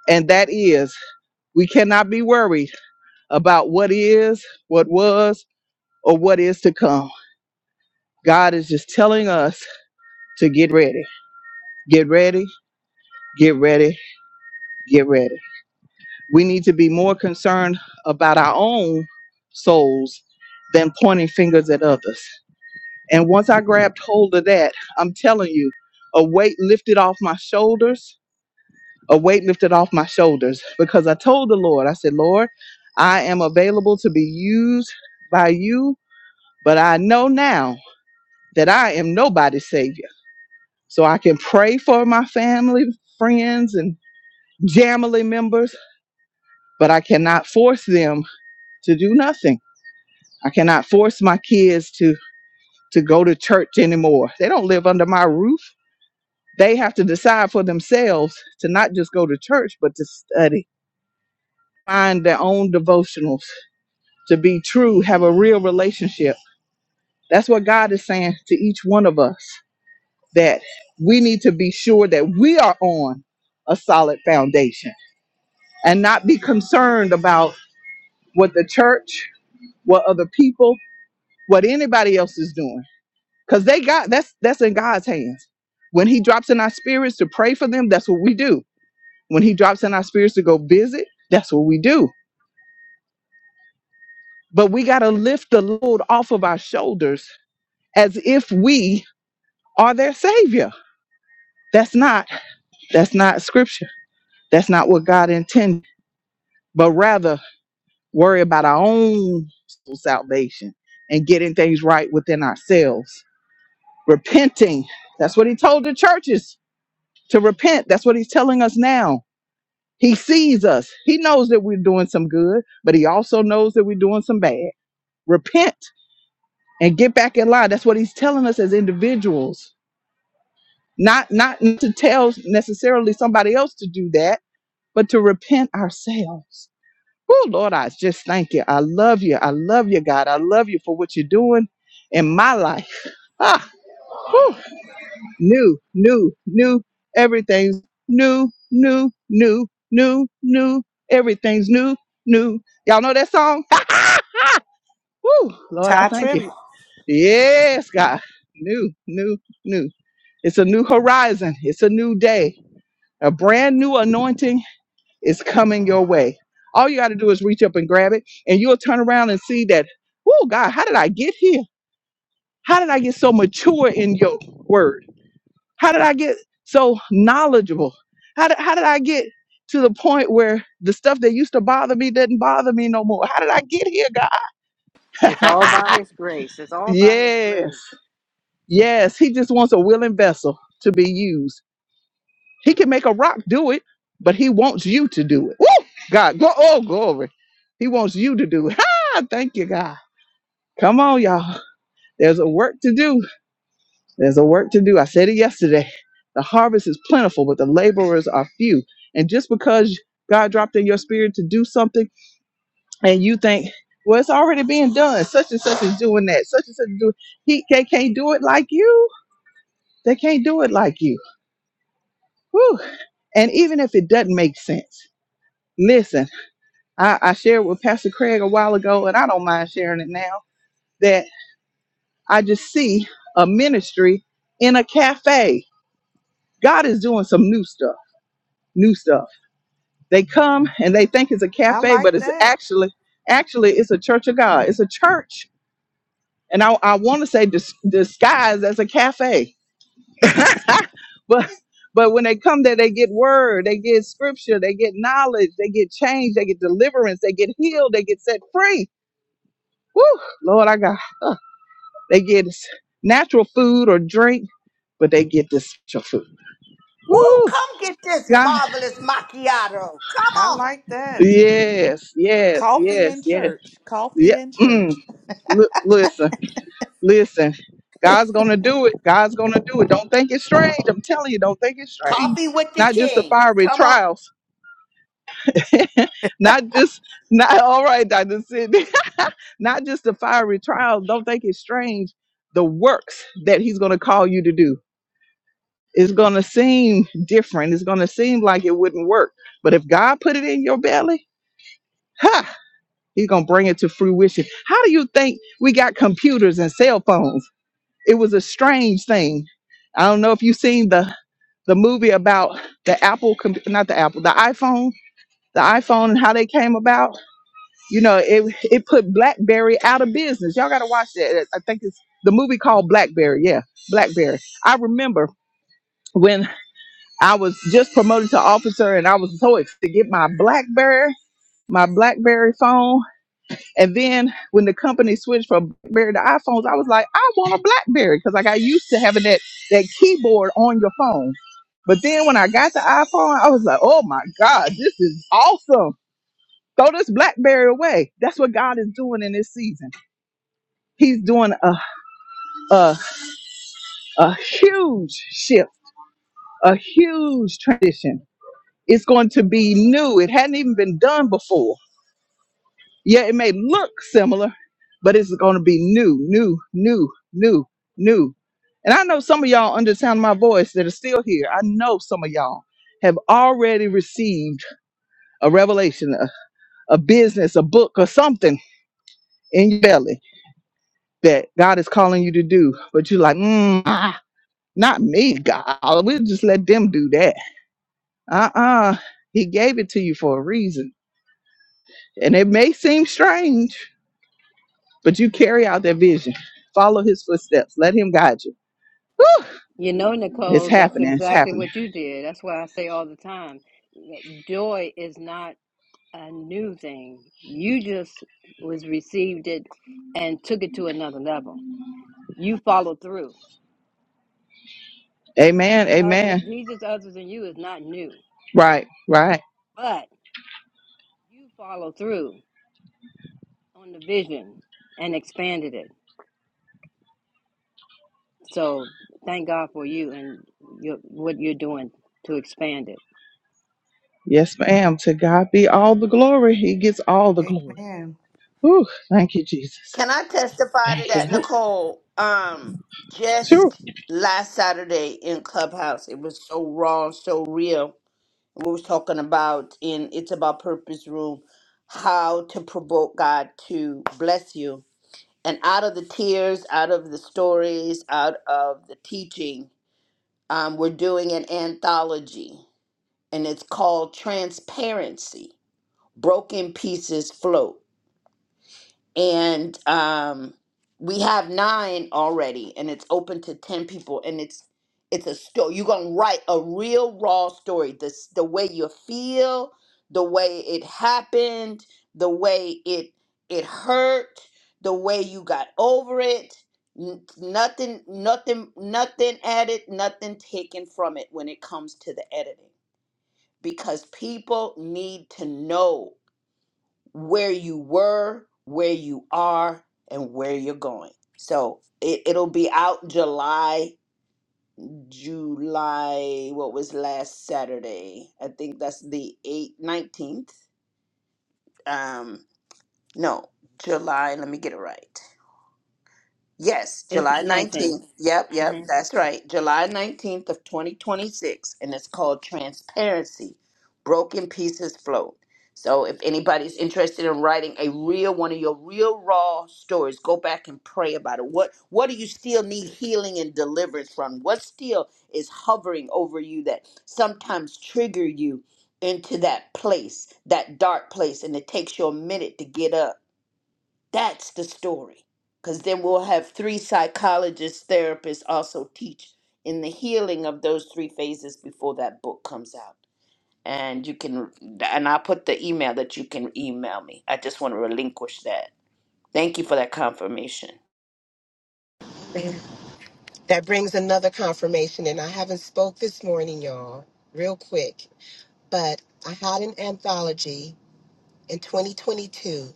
And that is, we cannot be worried about what is, what was, or what is to come. God is just telling us to get ready, get ready, get ready, get ready. We need to be more concerned about our own souls than pointing fingers at others. And once I grabbed hold of that, I'm telling you, a weight lifted off my shoulders, a weight lifted off my shoulders because I told the Lord, I said, Lord, I am available to be used by you, but I know now that I am nobody's savior. So I can pray for my family, friends, and family members, but I cannot force them to do nothing. I cannot force my kids to to go to church anymore. They don't live under my roof. They have to decide for themselves to not just go to church, but to study, find their own devotionals, to be true, have a real relationship. That's what God is saying to each one of us that we need to be sure that we are on a solid foundation and not be concerned about what the church, what other people, what anybody else is doing. Because they got that's that's in God's hands. When he drops in our spirits to pray for them, that's what we do When he drops in our spirits to go busy, that's what we do. But we got to lift the load off of our shoulders as if we are their savior. That's not that's not scripture. That's not what God intended. But rather worry about our own salvation and getting things right within ourselves. Repenting. That's what he told the churches to repent. That's what he's telling us now. He sees us. He knows that we're doing some good, but he also knows that we're doing some bad. Repent and get back in line. That's what he's telling us as individuals. Not not to tell necessarily somebody else to do that, but to repent ourselves. Oh Lord, I just thank you. I love you. I love you, God. I love you for what you're doing in my life. Ah, whew. new, new, new. Everything's new, new, new, new, new. Everything's new, new. Y'all know that song? *laughs* Woo, Lord, I Tie thank you. tribute. Yes, God. New, new, new. It's a new horizon. It's a new day. A brand new anointing is coming your way. All you got to do is reach up and grab it, and you'll turn around and see that, oh, God, how did I get here? How did I get so mature in your word? How did I get so knowledgeable? How did, how did I get to the point where the stuff that used to bother me doesn't bother me no more? How did I get here, It's all by God? His grace. It's *laughs* all by His yes, grace. yes. He just wants a willing vessel to be used. He can make a rock do it, but he wants you to do it. Woo! God, go oh glory. He wants you to do it. Ah, Thank you, God. Come on, y'all. There's a work to do. There's a work to do. I said it yesterday. The harvest is plentiful, but the laborers are few. And just because God dropped in your spirit to do something and you think, well, it's already being done. Such and such is doing that. Such and such is doing. He they can't do it like you. They can't do it like you. Whew. And even if it doesn't make sense, listen. I, I shared with Pastor Craig a while ago, and I don't mind sharing it now, that I just see a ministry in a cafe. God is doing some new stuff, new stuff. They come and they think it's a I cafe, but like it's that. actually, actually, it's a church of God. It's a church. And I, I want to say dis- disguised as a cafe. *laughs* but but when they come there, they get word, they get scripture, they get knowledge, they get change, they get deliverance, they get healed, they get set free. Woo, Lord, I got. They get natural food or drink, but they get this special food. Woo, Woo! come get this God, marvelous macchiato. Come I on. like that. yes, yes, Coffee yes, in yes, church. Coffee yeah. in Mm. church. L- listen, listen. God's gonna do it. God's gonna do it. Don't think it's strange. I'm telling you, don't think it's strange. Coffee with the Not just the king. fiery Come on. trials. *laughs* not just not all right, Dr. Sidney. *laughs* not just the fiery trials. Don't think it's strange. The works that he's gonna call you to do. it's going to seem different. It's going to seem like it wouldn't work. But if God put it in your belly, ha, he's going to bring it to fruition. How do you think we got computers and cell phones? It was a strange thing. I don't know if you've seen the the movie about the Apple, com- not the Apple, the iPhone, the iPhone and how they came about. You know, it it put BlackBerry out of business. Y'all got to watch that. I think it's the movie called BlackBerry. Yeah, BlackBerry. I remember when. I was just promoted to officer and I was so excited to get my Blackberry, my Blackberry phone. And then when the company switched from Blackberry to iPhones, I was like, I want a Blackberry because I got used to having that, that keyboard on your phone. But then when I got the iPhone, I was like, oh my God, this is awesome. Throw this Blackberry away. That's what God is doing in this season. He's doing a, a, a huge shift, a huge transition It's going to be new. It hadn't even been done before. Yeah, it may look similar, but it's going to be new, new, new, new, new. And I know some of y'all under the sound of my voice that are still here. I know some of y'all have already received a revelation, a, a business, a book, or something in your belly that God is calling you to do. But you're like, mm, ah, not me, God. We'll just let them do that. Uh uh He gave it to you for a reason. And it may seem strange. But you carry out that vision. Follow his footsteps. Let him guide you. You know, It's Nicole, that's happening. It's exactly happening. what you did. That's why I say all the time, you know, joy is not a new thing. You just was received it and took it to another level. You followed through. Amen. Jesus others Amen. Jesus others and you is not new, Right. Right. but you followed through on the vision and expanded it. So thank God for you and your what you're doing to expand it. Yes, ma'am. To God be all the glory. He gets all the glory. Amen. Whew. Thank you, Jesus. Can I testify to Because that, we, Nicole? Um, Sure. just last Saturday in Clubhouse, it was so raw, so real. We was talking about in It's About Purpose Room how to provoke God to bless you. And out of the tears, out of the stories, out of the teaching, um, we're doing an anthology, and it's called Transparency Broken Pieces Float and um, we have nine already, and it's open to ten people, and it's it's a story. You're gonna write a real raw story. This the way you feel, the way it happened, the way it it hurt, the way you got over it. N- Nothing, nothing, nothing added, nothing taken from it when it comes to the editing, because people need to know where you were, where you are, and where you're going. So it, it'll be out July, July, what was last Saturday? I think that's the 8th, 19th. Um, no, July, let me get it right. Yes, It's July 19. 19th. Yep, yep, hmm that's right. July 19th of 2026 and it's called Transparency. Broken Pieces Float. So if anybody's interested in writing a real one of your real raw stories, go back and pray about it. What what do you still need healing and deliverance from? What still is hovering over you that sometimes trigger you into that place, that dark place and it takes you a minute to get up? That's the story. Because then we'll have three psychologists, therapists also teach in the healing of those three phases before that book comes out. And you can, and I'll put the email that you can email me. I just want to relinquish that. Thank you for that confirmation. That brings another confirmation, and I haven't spoke this morning, y'all, real quick, but I had an anthology in 2022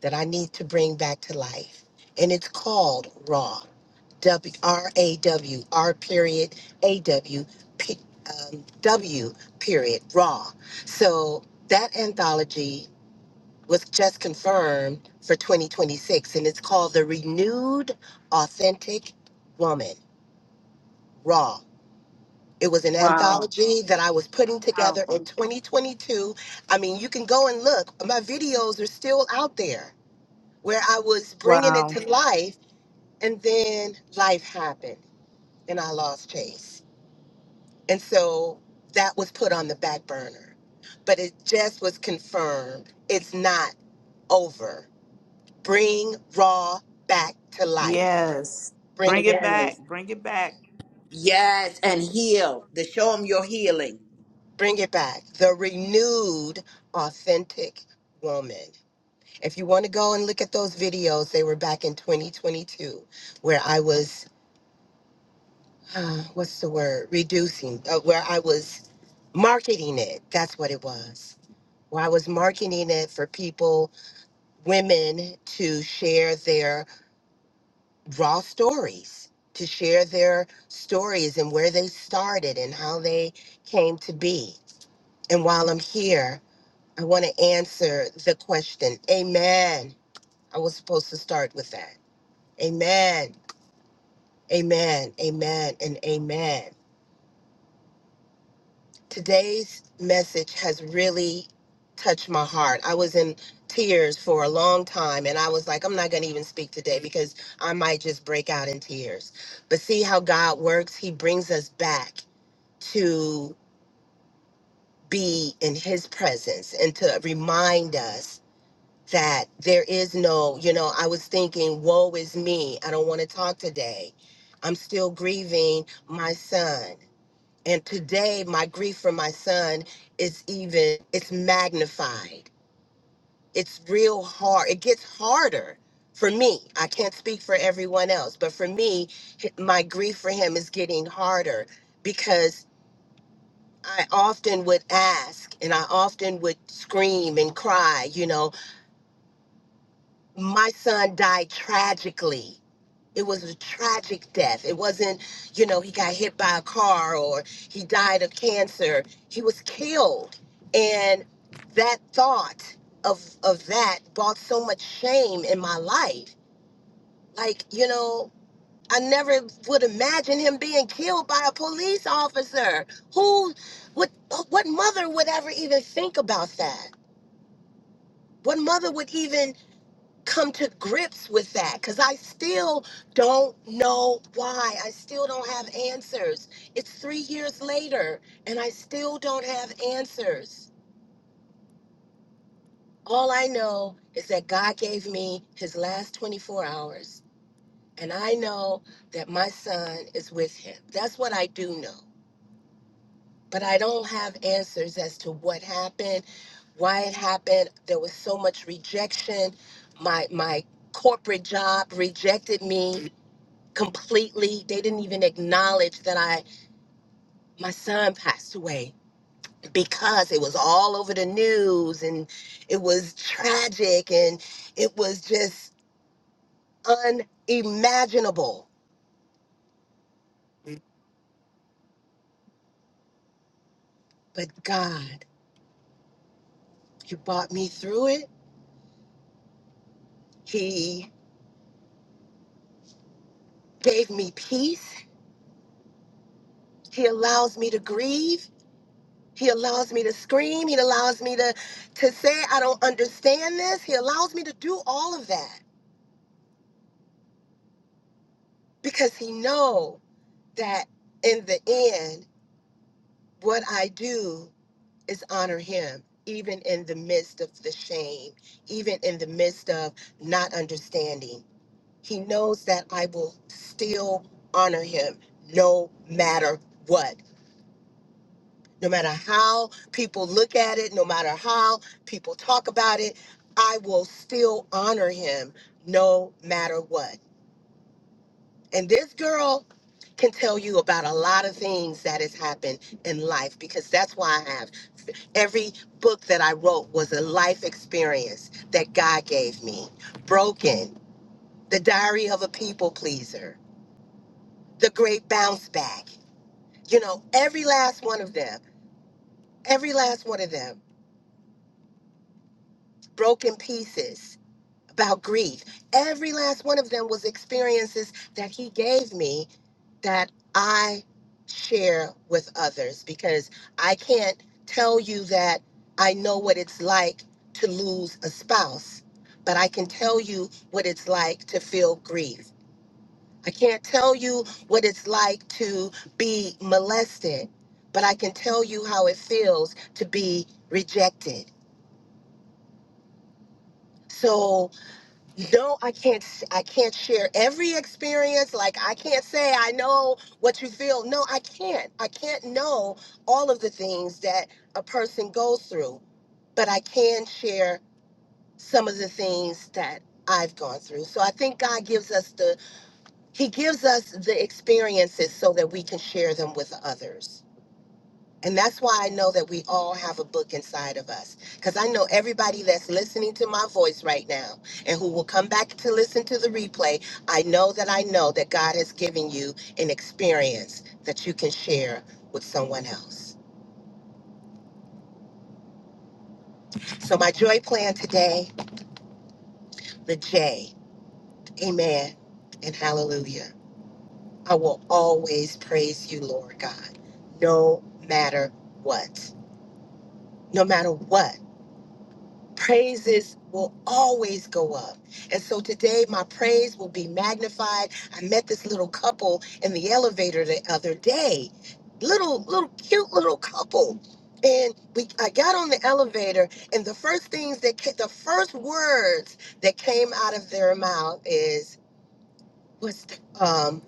that I need to bring back to life, and it's called Raw, W R A W R period A W P um, W period Raw. So that anthology was just confirmed for 2026, and it's called The Renewed Authentic Woman Raw It was an Wow, anthology that I was putting together powerful. in 2022. I mean, you can go and look. My videos are still out there where I was bringing it Wow. to life, and then life happened and I lost Chase. And so that was put on the back burner. But it just was confirmed it's not over. Bring Raw back to life. Yes. Bring Bring it, it back. back. Bring it back. Yes, and heal. To show them your healing. bring it back. The renewed, authentic woman. If you want to go and look at those videos, they were back in 2022 where I was, uh, what's the word, reducing, uh, where I was marketing it. That's what it was. Where I was marketing it for people, women to share their raw stories, to share their stories and where they started and how they came to be. And while I'm here, I want to answer the question, Amen. I was supposed to start with that. Amen Amen, amen, and amen. Today's message has really touched my heart. I was in tears for a long time, and I was like, I'm not going to even speak today because I might just break out in tears. But see how God works? He brings us back to be in His presence and to remind us that there is no, you know, I was thinking, woe is me. I don't want to talk today. I'm still grieving my son. And today, my grief for my son is even, it's magnified. It's real hard. It gets harder for me. I can't speak for everyone else, but for me, h- my grief for him is getting harder because I often would ask and I often would scream and cry, you know, my son died tragically. it was a tragic death. It wasn't, you know, he got hit by a car or he died of cancer. He was killed. And that thought of of that brought so much shame in my life. Like, you know, I never would imagine him being killed by a police officer. Who would what mother would ever even think about that? What mother would even come to grips with that because I still don't know why. I still don't have answers. It's three years later and I still don't have answers. All I know is that God gave me his last 24 hours and I know that my son is with him. That's what I do know. But I don't have answers as to what happened, why it happened. There was so much rejection. My my corporate job rejected me completely they didn't even acknowledge that i my son passed away because it was all over the news and it was tragic and it was just unimaginable but god you brought me through it he gave me peace he allows me to grieve he allows me to scream he allows me to to say i don't understand this he allows me to do all of that because he know that in the end what I do is honor him, even in the midst of the shame, even in the midst of not understanding. He knows that I will still honor him no matter what. No matter how people look at it, no matter how people talk about it, I will still honor him no matter what. And this girl can tell you about a lot of things that has happened in life because that's why I have every book that I wrote was a life experience that God gave me. Broken, The Diary of a People Pleaser, The Great Bounce Back. You know, every last one of them, every last one of them, broken pieces about grief. Every last one of them was experiences that he gave me that I share with others because I can't tell you that I know what it's like to lose a spouse, but I can tell you what it's like to feel grief. I can't tell you what it's like to be molested, but I can tell you how it feels to be rejected. So. no i can't s- i can't share every experience like i can't say i know what you feel no i can't i can't know all of the things that a person goes through but i can share some of the things that i've gone through so i think god gives us the he gives us the experiences so that we can share them with others and that's why I know that we all have a book inside of us. Because I know everybody that's listening to my voice right now and who will come back to listen to the replay, I know that I know that God has given you an experience that you can share with someone else. So, my joy plan today, the J, amen and hallelujah. I will always praise you, Lord God, no matter what. No matter what. praises will always go up. And so today, my praise will be magnified. I met this little couple in the elevator the other day, little, little, cute little couple. And we, I got on the elevator, and the first things that, ca- the first words that came out of their mouth is, "What's, the, um,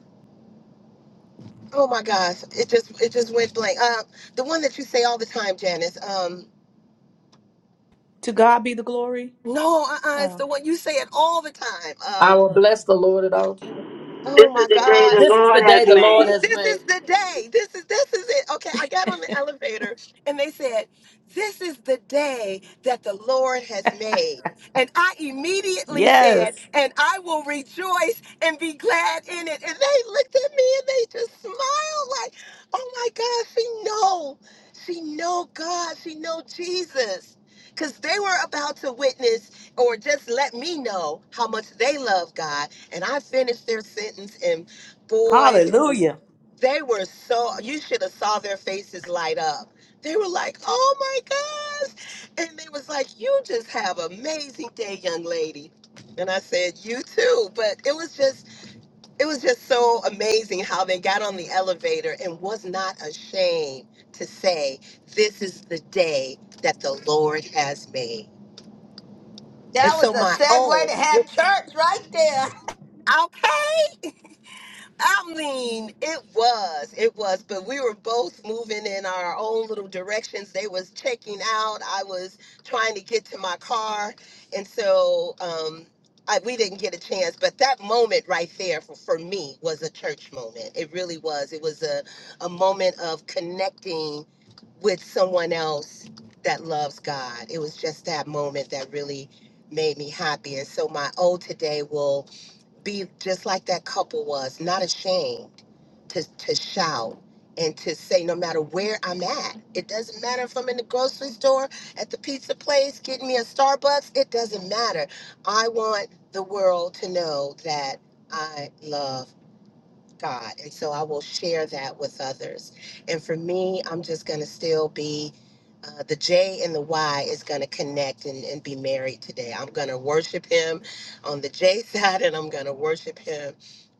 oh my gosh, it just, it just went blank. Uh, the one that you say all the time, Janice. Um, to God be the glory. no, uh, uh it's Oh. the one you say it all the time. um, I will bless the Lord at all times. This Oh is my the day God the This is the Lord has day the Lord made. has this made. is the day. This is this is it. Okay, I got on the elevator and they said, "This is the day that the Lord has made." And I immediately said, Yes. "And I will rejoice and be glad in it." And they looked at me and they just smiled like, "Oh my God, she know. She know God. She know Jesus." Because they were about to witness or just let me know how much they love God. And I finished their sentence, and boy, they were Hallelujah. they were so you should have saw their faces light up. They were like, "Oh my gosh!" And they was like, "You just have an amazing day, young lady." And I said, "You too." But it was just it was just so amazing how they got on the elevator and was not ashamed to say, "This is the day that the Lord has made." And That was so a my segue oh, to have church right there. okay. I mean, it was, it was, but we were both moving in our own little directions. They was checking out. I was trying to get to my car, and so um, I, we didn't get a chance. But that moment right there for, for me was a church moment. It really was. It was a a moment of connecting with someone else that loves God. It was just that moment that really made me happy, and so my O today will be just like that couple was, not ashamed to, to shout and to say, no matter where I'm at, it doesn't matter if I'm in the grocery store, at the pizza place, getting me a Starbucks, it doesn't matter. I want the world to know that I love God. And so I will share that with others. And for me, I'm just going to still be uh, the J and the Y is going to connect and, and be married today. I'm going to worship him on the J *laughs* side and I'm going to worship him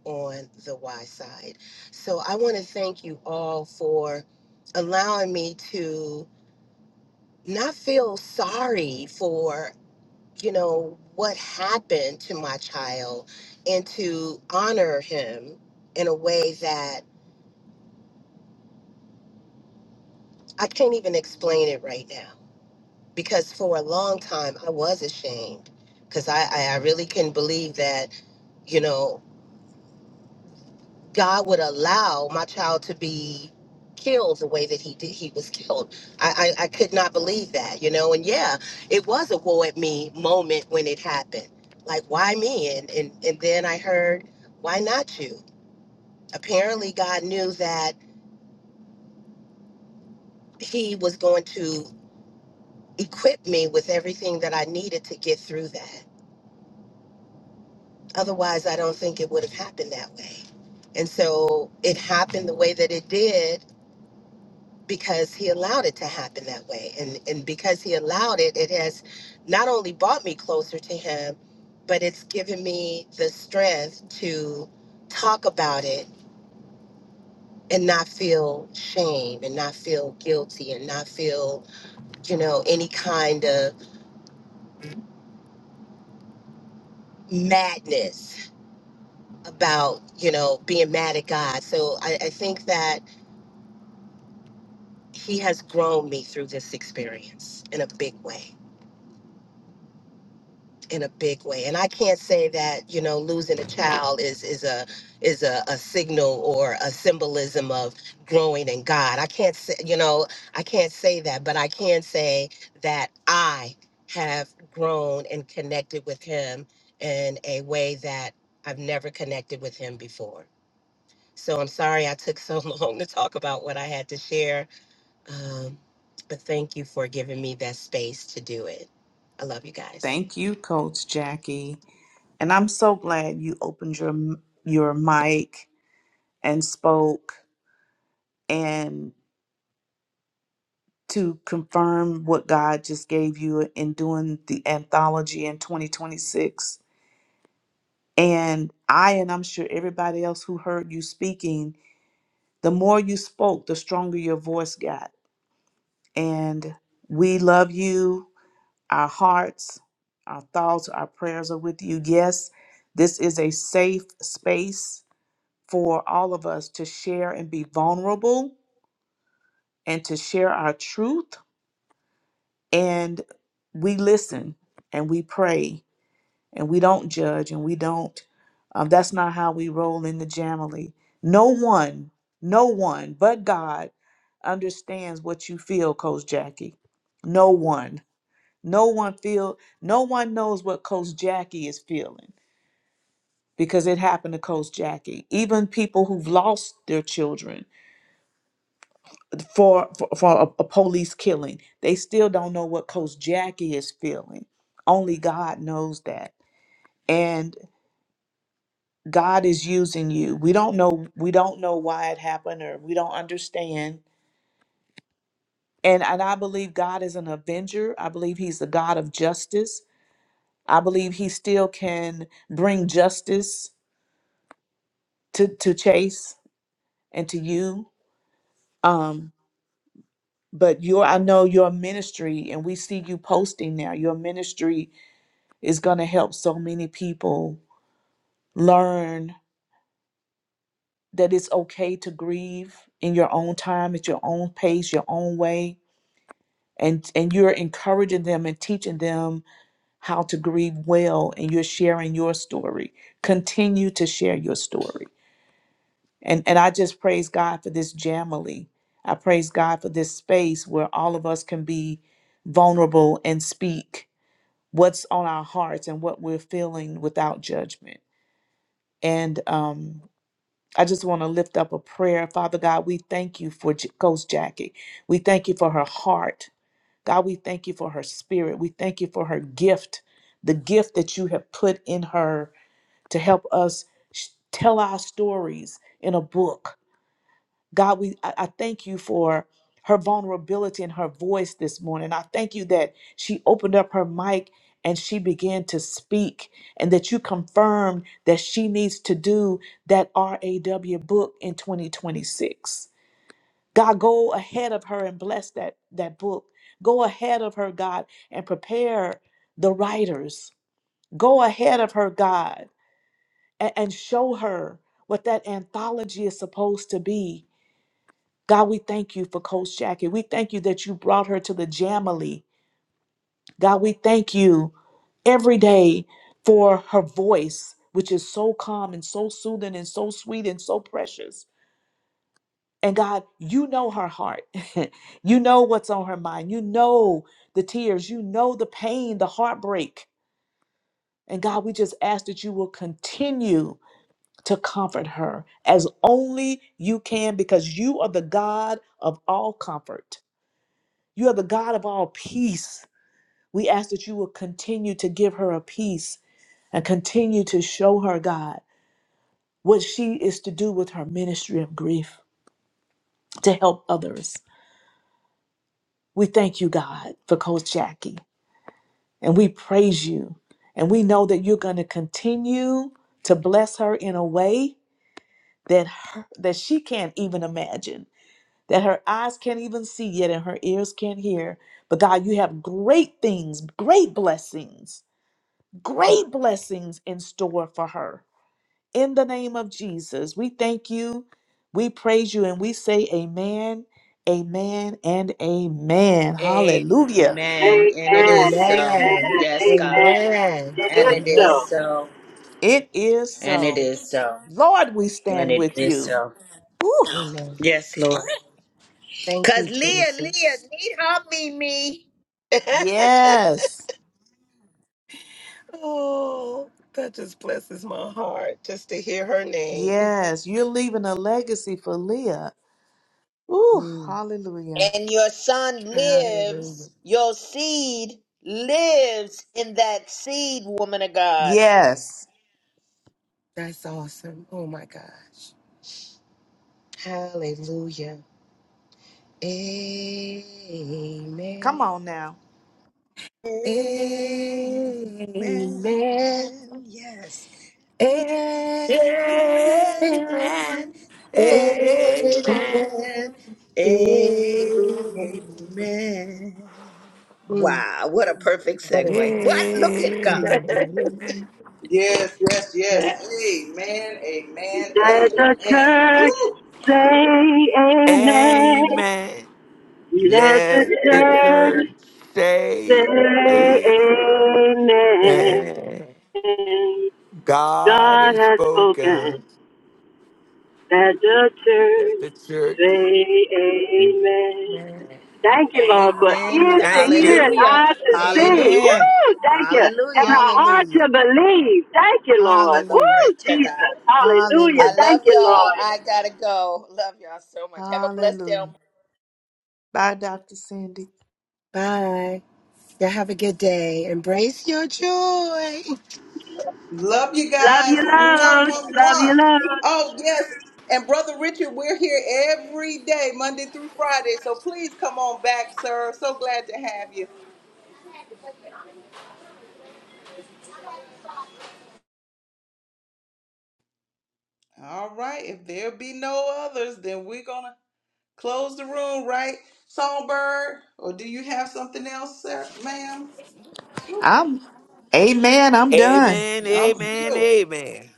on the Y side. So I want to thank you all for allowing me to not feel sorry for, you know, what happened to my child and to honor him in a way that I can't even explain it right now because for a long time I was ashamed because I, I, I really couldn't believe that, you know, God would allow my child to be killed the way that he did he was killed. I, I, I could not believe that, you know, and yeah, it was a woe at me moment when it happened. Like why me? And and, and then I heard, why not you? Apparently God knew that he was going to equip me with everything that I needed to get through that Otherwise, I don't think it would have happened that way. And so it happened the way that it did because he allowed it to happen that way. And and because he allowed it, it has not only brought me closer to him, but it's given me the strength to talk about it and not feel shame and not feel guilty and not feel, you know, any kind of madness about, you know, being mad at God. So I, I think that he has grown me through this experience in a big way in a big way and i can't say that you know losing a child is is a is a, a signal or a symbolism of growing in god i can't say you know i can't say that but i can say that i have grown and connected with him in a way that i've never connected with him before so i'm sorry i took so *laughs* long to talk about what i had to share Um, but thank you for giving me that space to do it. I love you guys. Thank you, Coach Jackie. And I'm so glad you opened your your mic and spoke and to confirm what God just gave you in doing the anthology in 2026. And I and I'm sure everybody else who heard you speaking the more you spoke, the stronger your voice got. And we love you. Our hearts, our thoughts, our prayers are with you. Yes, this is a safe space for all of us to share and be vulnerable and to share our truth. And we listen and we pray and we don't judge and we don't um, that's not how we roll in the jamily no one no one but god understands what you feel coach jackie no one no one feel no one knows what coach jackie is feeling because it happened to coach jackie even people who've lost their children for for, for a, a police killing they still don't know what coach jackie is feeling only god knows that and. God is using you. We don't know we don't know why it happened or we don't understand. And and I believe God is an avenger. I believe he's the God of justice. I believe he still can bring justice to to Chase and to you. Um but your I know your ministry and we see you posting now. Your ministry is going to help so many people learn that it's okay to grieve in your own time, at your own pace, your own way and and you're encouraging them and teaching them how to grieve well and you're sharing your story continue to share your story and and i just praise god for this jamily i praise god for this space where all of us can be vulnerable and speak what's on our hearts and what we're feeling without judgment and um I just want to lift up a prayer. Father God, we thank you for J- Coach Jackie. We thank you for her heart. God, we thank you for her spirit. We thank you for her gift, the gift that you have put in her to help us sh- tell our stories in a book. God, we I, I thank you for her vulnerability and her voice this morning. I thank you that she opened up her mic and she began to speak and that you confirmed that she needs to do that RAW book in 2026. God, go ahead of her and bless that that book. Go ahead of her, God, and prepare the writers. Go ahead of her, God, and, and show her what that anthology is supposed to be. God, we thank you for Coach Jackie. We thank you that you brought her to the Jamily. God, we thank you every day for her voice, which is so calm and so soothing and so sweet and so precious. And God, you know her heart. *laughs* you know what's on her mind. You know the tears. You know the pain, the heartbreak. And God, we just ask that you will continue to comfort her as only you can because you are the God of all comfort. You are the God of all peace. We ask that you will continue to give her a peace and continue to show her, God, what she is to do with her ministry of grief to help others. We thank you, God, for Coach Jackie. and we praise you. And we know that you're going to continue to bless her in a way that her, that she can't even imagine, that her eyes can't even see yet and her ears can't hear. But God, you have great things, great blessings, great blessings in store for her. In the name of Jesus, we thank you, we praise you, and we say amen, amen, and amen. Hallelujah. Amen. And it Amen. is Amen. so. Amen. Yes, God. Amen. Amen. It And is it is Amen. so. so. It is And it so. is so. Lord, we And stand it with is you. so. Ooh, Amen. Yes, Lord. Thank Because you, Leah, Leah, Jesus. need her, Mimi. *laughs* yes, oh, that just blesses my heart just to hear her name. yes. You're leaving a legacy for Leah. Ooh, Mm, hallelujah. And your son hallelujah. lives, your seed lives in that seed, woman of God. Yes. That's awesome. Oh my gosh. Hallelujah. Amen. Come on now. Amen. Amen. Yes. *laughs* Amen. Amen. Amen. Amen. Amen. Wow, what a perfect segue. What? Look at God. Amen. Yes, yes. Yes. Amen. Amen. Let the Amen. church say amen. Amen. Let Let the the church church say say amen. amen. God God has has spoken. spoken. Let the Let church the church. say amen. Thank you, Lord, for Amen. ears to Thank hear and you. Hallelujah. eyes to see. Hallelujah. Amen. Woo! Thank you. And Hallelujah. a heart Hallelujah. to believe. Thank you, Lord. Woo! Glory Hallelujah. to God. Jesus. Hallelujah. I Hallelujah. love Thank you, y'all. Lord. I gotta go. Love y'all so much. Have a blessed day. on Hallelujah. Bye, Dr. Cindy. Bye. Y'all have a good day. Embrace your joy. Love you guys. Mwah, mwah, mwah. Oh, yes. And Brother Richard, we're here every day, Monday through Friday. So please come on back, sir. So glad to have you. All right. If there be no others, then we're gonna close the room, right? Songbird, or do you have something else, sir, ma'am? I'm, amen. I'm done. Amen, I'm for amen, you. amen.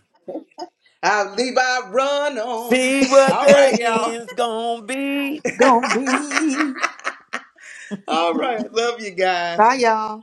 I leave. I run on. See what All the right, y'all. end's gonna be. Gonna be. *laughs* All right. Love you guys. Bye, y'all.